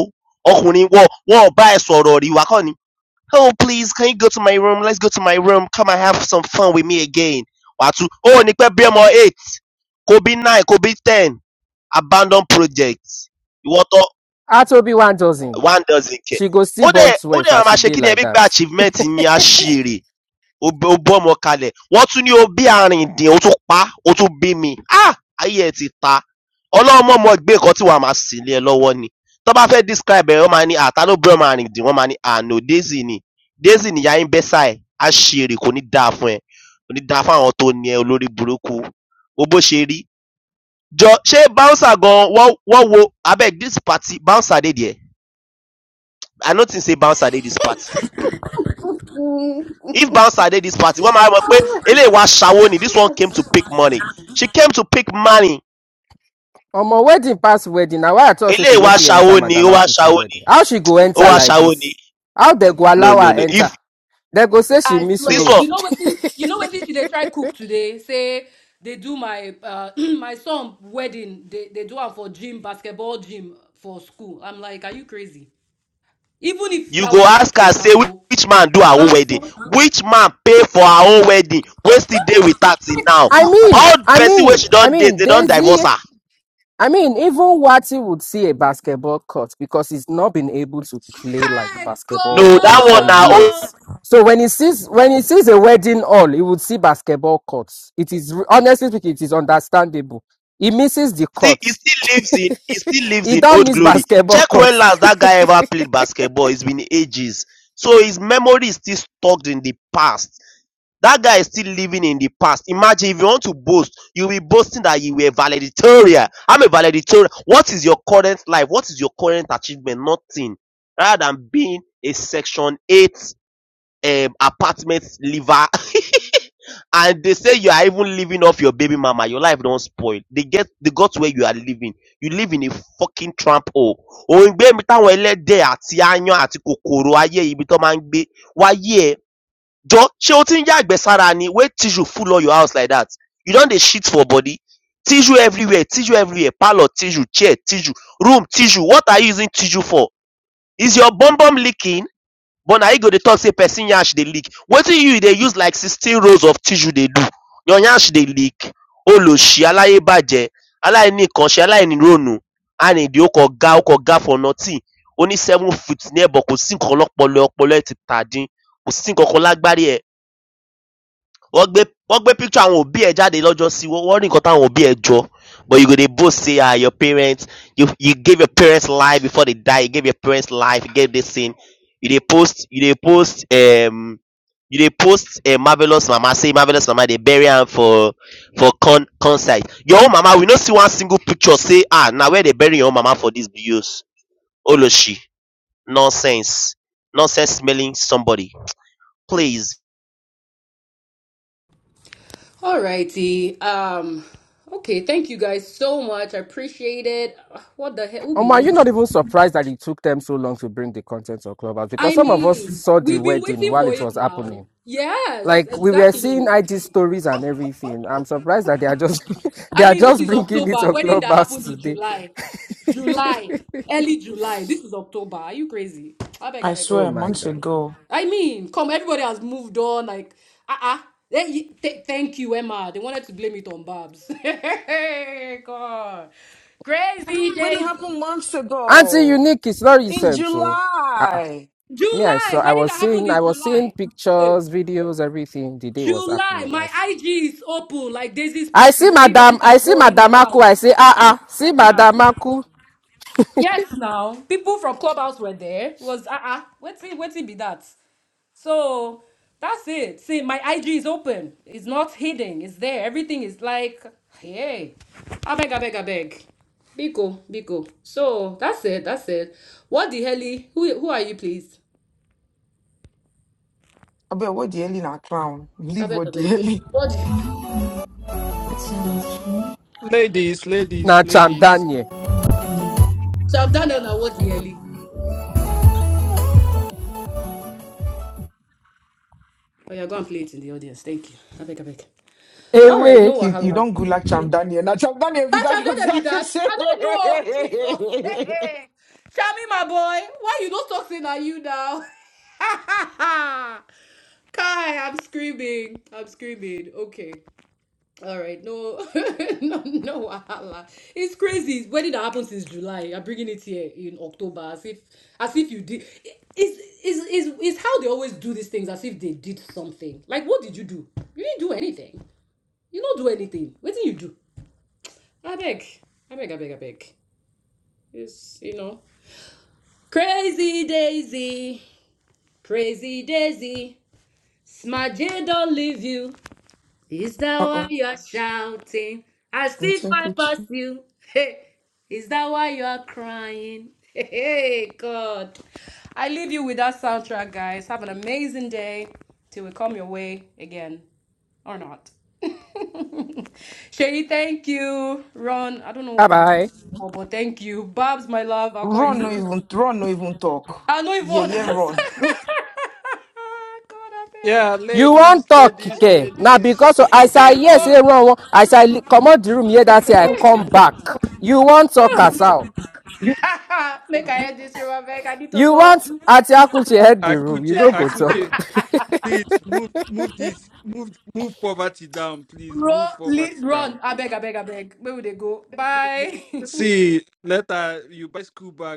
Ọkùnrin wọ́n wọ́n bá ẹ sọ̀rọ̀ rí wá kọ́ ni. Oh please, can you go to my room? Let's go to my room. Come and have some fun with me again. Wàá tún, ó ní pẹ́ bí ọmọ eight, kò bí nine, kò bí ten abandoned projects ìwọ tó
Atobi one dozen.
one doesn't care
She go see
ó
born
dẹ̀ ó
twelve
dẹ̀ máa
as
ma
she
ṣe kí
did
ni
like
ẹbí pé
that.
achievement ni aṣèrè ó bẹ́- ó bọ́ ọmọ kalẹ̀ wọ́n tún ní o bí arìndìn o tún pa á, o tún bí mi ah ayé ẹ ti ta ọlọ́mọ̀ọ́mọ̀ gbé nǹkan tí wàá máa sì lé ẹ lọ́wọ́ ni tó bá fẹ́ describe ẹ̀ wọ́n máa ní àtá ló bí ọmọ arìndìn wọ́n máa ní àná daisy ni daisy nìyá yín bẹ́ sáà ẹ̀ aṣèrè kò ní dáa fún ẹ kò ní dáa fún àwọn tó ní ẹ olórí burúkú wo bó ṣe rí Jor shey bouncer gan wan wan wo abeg dis party bouncer dey there? I no think say bouncer dey dis party. If bouncer dey dis party, wọ́n máa mọ̀ pé eléyìí wá ṣawó ni, this one came to pick money. She came to pick money.
On my wedding past wedding, now why I thought say she
Eléyìí
no
wá
fit enter
ṣawó ni,
Madam
ó wá
Akuche
ṣawó ni,
wedding. How she go
ó
enter
wá
like
ṣawó ni.
this? How they go
No
allow
no
her
no.
enter?
If
They go say she
I
miss
this
swear,
one
road.
you know what this, you know what this they try cook today. Say they do my uh, my son wedding. They they do am for gym basketball gym for school. I'm like, are you crazy? Even if
you
that
go
was the
ask her
case,
say
and so
which man do her own
and so.
wedding? Which man pay for her own wedding wey still dey with her till now?
I mean,
All
I
person wey
mean,
she
I
don date
mean,
dey don
Daisy.
divorce her.
I mean, even Wati would see a basketball court because he's not been able to play like
Hi
basketball
No
for
dat
in- for
one na
God.
years. So when he sees when he sees a wedding hall, he would see basketball courts. It is re- honestly speaking, it is understandable. He misses the
still he
courts.
still lives in he still lives
he
in
don't
old
miss
glory
basketball
check when
courts.
last that guy ever played basketball it's been ages so his memory is still stuck in the past that guy is still living in the past imagine if you want to boast you'll be boasting that you were valedictorian i'm a valedictorian what is your current life what is your current achievement nothing rather than being a section 8 um, apartment liver and they say you are even living off your baby mama your life don spoil they get they got where you are living you live in a fucking tramp hole òǹgbẹ mi táwọn ẹlẹ́dẹ̀ àti aáyán àti kòkòrò ayé ibi tó máa ń gbé wáyé ẹ jọ ṣé o ti ń yàgbẹ́ sára ni wey tissue full all your house like that you don dey shit for body tissue everywhere tissue everywhere parlour tissue chair tissue room tissue what are you using tissue for is your bum bum leaking But na you go dey talk sey person yansh dey leak. Wetin you dey use like sixteen rolls of tissue dey do? Your yansh dey leak. Oloshi aláyébàjẹ́, aláìníkanṣe, aláìníròònú, àìnídìí, ó kàn ga ó kàn ga for nothing. Ó ní seven feet ní ẹ̀bọ̀, kò sí nǹkan kan lọ́pọlọ, ọpọlọ ẹ̀ ti tà din, kò sí nǹkan kan lágbárí ẹ̀ wọ́n gbé wọ́n gbé picture àwọn òbí ẹ̀ jáde lọ́jọ́sí wọ́n wọ́n rí nǹkan táwọn òbí ẹ̀ jọ but you go dey boast say ah your parents you you gave your parents life before they die you gave your parents life you gave this thing you dey post you dey post um, you dey post um, marvelous mama say marvelous mama dey bury am for for con concert your own mama we no see one single picture say ah na where they bury your own mama for this bios oloshi nonsense nonsense smelling somebody please.
Alrighty. Um. Okay. Thank you guys so much. I appreciate it. What the hell? Ubi,
Omar,
what?
you're not even surprised that it took them so long to bring the content of Clubhouse because
I
some of us
mean,
saw the
we've been
wedding
waiting
while
for
it
it
was
now.
happening.
Yes,
Like we were seeing
exactly.
IG stories and everything. I'm surprised that they are just they
I
are
mean, this
just
is
bringing it
October,
on
wedding that
Clubhouse
happened in
today.
July. July, early July. This is October. Are you crazy? I beg, I
I
beg.
Oh
swear,
you.
my
months
god.
ago.
I mean, come, everybody has moved on. Like, uh uh thank you, Emma. They wanted to blame it on Babs. Hey, God. Crazy
Wedding
days.
happened months
Auntie
ago.
Unique is not
In
recent, so uh,
July.
me, I
July,
saw, I
wedding
was
that happened
seeing, I
in
was seeing
July. Hey.
pictures, videos, everything. The day was
July,
happening. I,
my
s-
IG is open like Daisy's
I
pussy.
see
Anybody
Madam, I
can
see
go in
Madam
and
Aku.
out.
I say, ah ah, see
Uh-uh.
Madam Aku
Yes, now people from Clubhouse were there. It was uh-uh. What's it? What's it be that? So that's it. See, my IG is open. It's not hidden. It's there. Everything is like, hey, abeg, abeg, abeg. Biko, biko. So that's it. That's it. What the helly? Who who are you, please?
I bet what the hell in a clown. Leave
Abeg,
what the
abeg.
hell. in-
What? The...
So cute.
Ladies, ladies,
na Cham
ladies.
Daniel.
So I'm done now. What the helly? Oh yeah, go and play it in the audience. Thank you. Abeg, abeg. All right,
Away,
no
You, you
wahala.
don't go like Cham Daniel. Now Cham Daniel, if you
But
don't
shall
know
that
what
be
I can
that?
say.
I don't know. Jesus. Shami, my boy, why you not talking at you now? Kai, I'm screaming. I'm screaming. Okay. All right. No, no, no wahala. It's crazy. When did that happen since July? I'm bringing it here in October, as if, as if you did. It's, it's, it's, it's how they always do these things, as if they did something. Like, what did you do? You didn't do anything. You don't do anything. What did you do? I beg. I beg, I beg, I beg. It's, you know. Crazy Daisy, Crazy Daisy, Smudge don't leave you. Is that
Uh-uh.
why you're shouting? I see five
Interpret.
past you. Hey, is that why you're crying? Hey, God. I leave you with that soundtrack, guys. Have an amazing day till we come your way again or not. Sherry, thank you. Ron, I don't know
bye
what I'm doing
bye.
for, but thank you. Babs, my love, I'll call you
Ron no
later.
even Ron no even talk.
I know you've
Yeah,
all
yeah,
that.
Ron.
God, I
Yeah,
beg.
You
ladies,
won't talk,
ladies,
Kike. Now because of-
ladies,
I say
Thank
yes,
ladies.
God.
everyone. I say come out the room here. That say I come back. You won't talk, Kasau.
Make I hear this room, I beg. I need to
You
go.
want Atiaku to head the room. You
Akuche,
don't go talk.
Akuche, please move, move this, move, move poverty down, please
Ro,
move
li,
poverty down.
run. I beg, I beg, I beg. Where would they go? Bye.
See, later you buy school bag.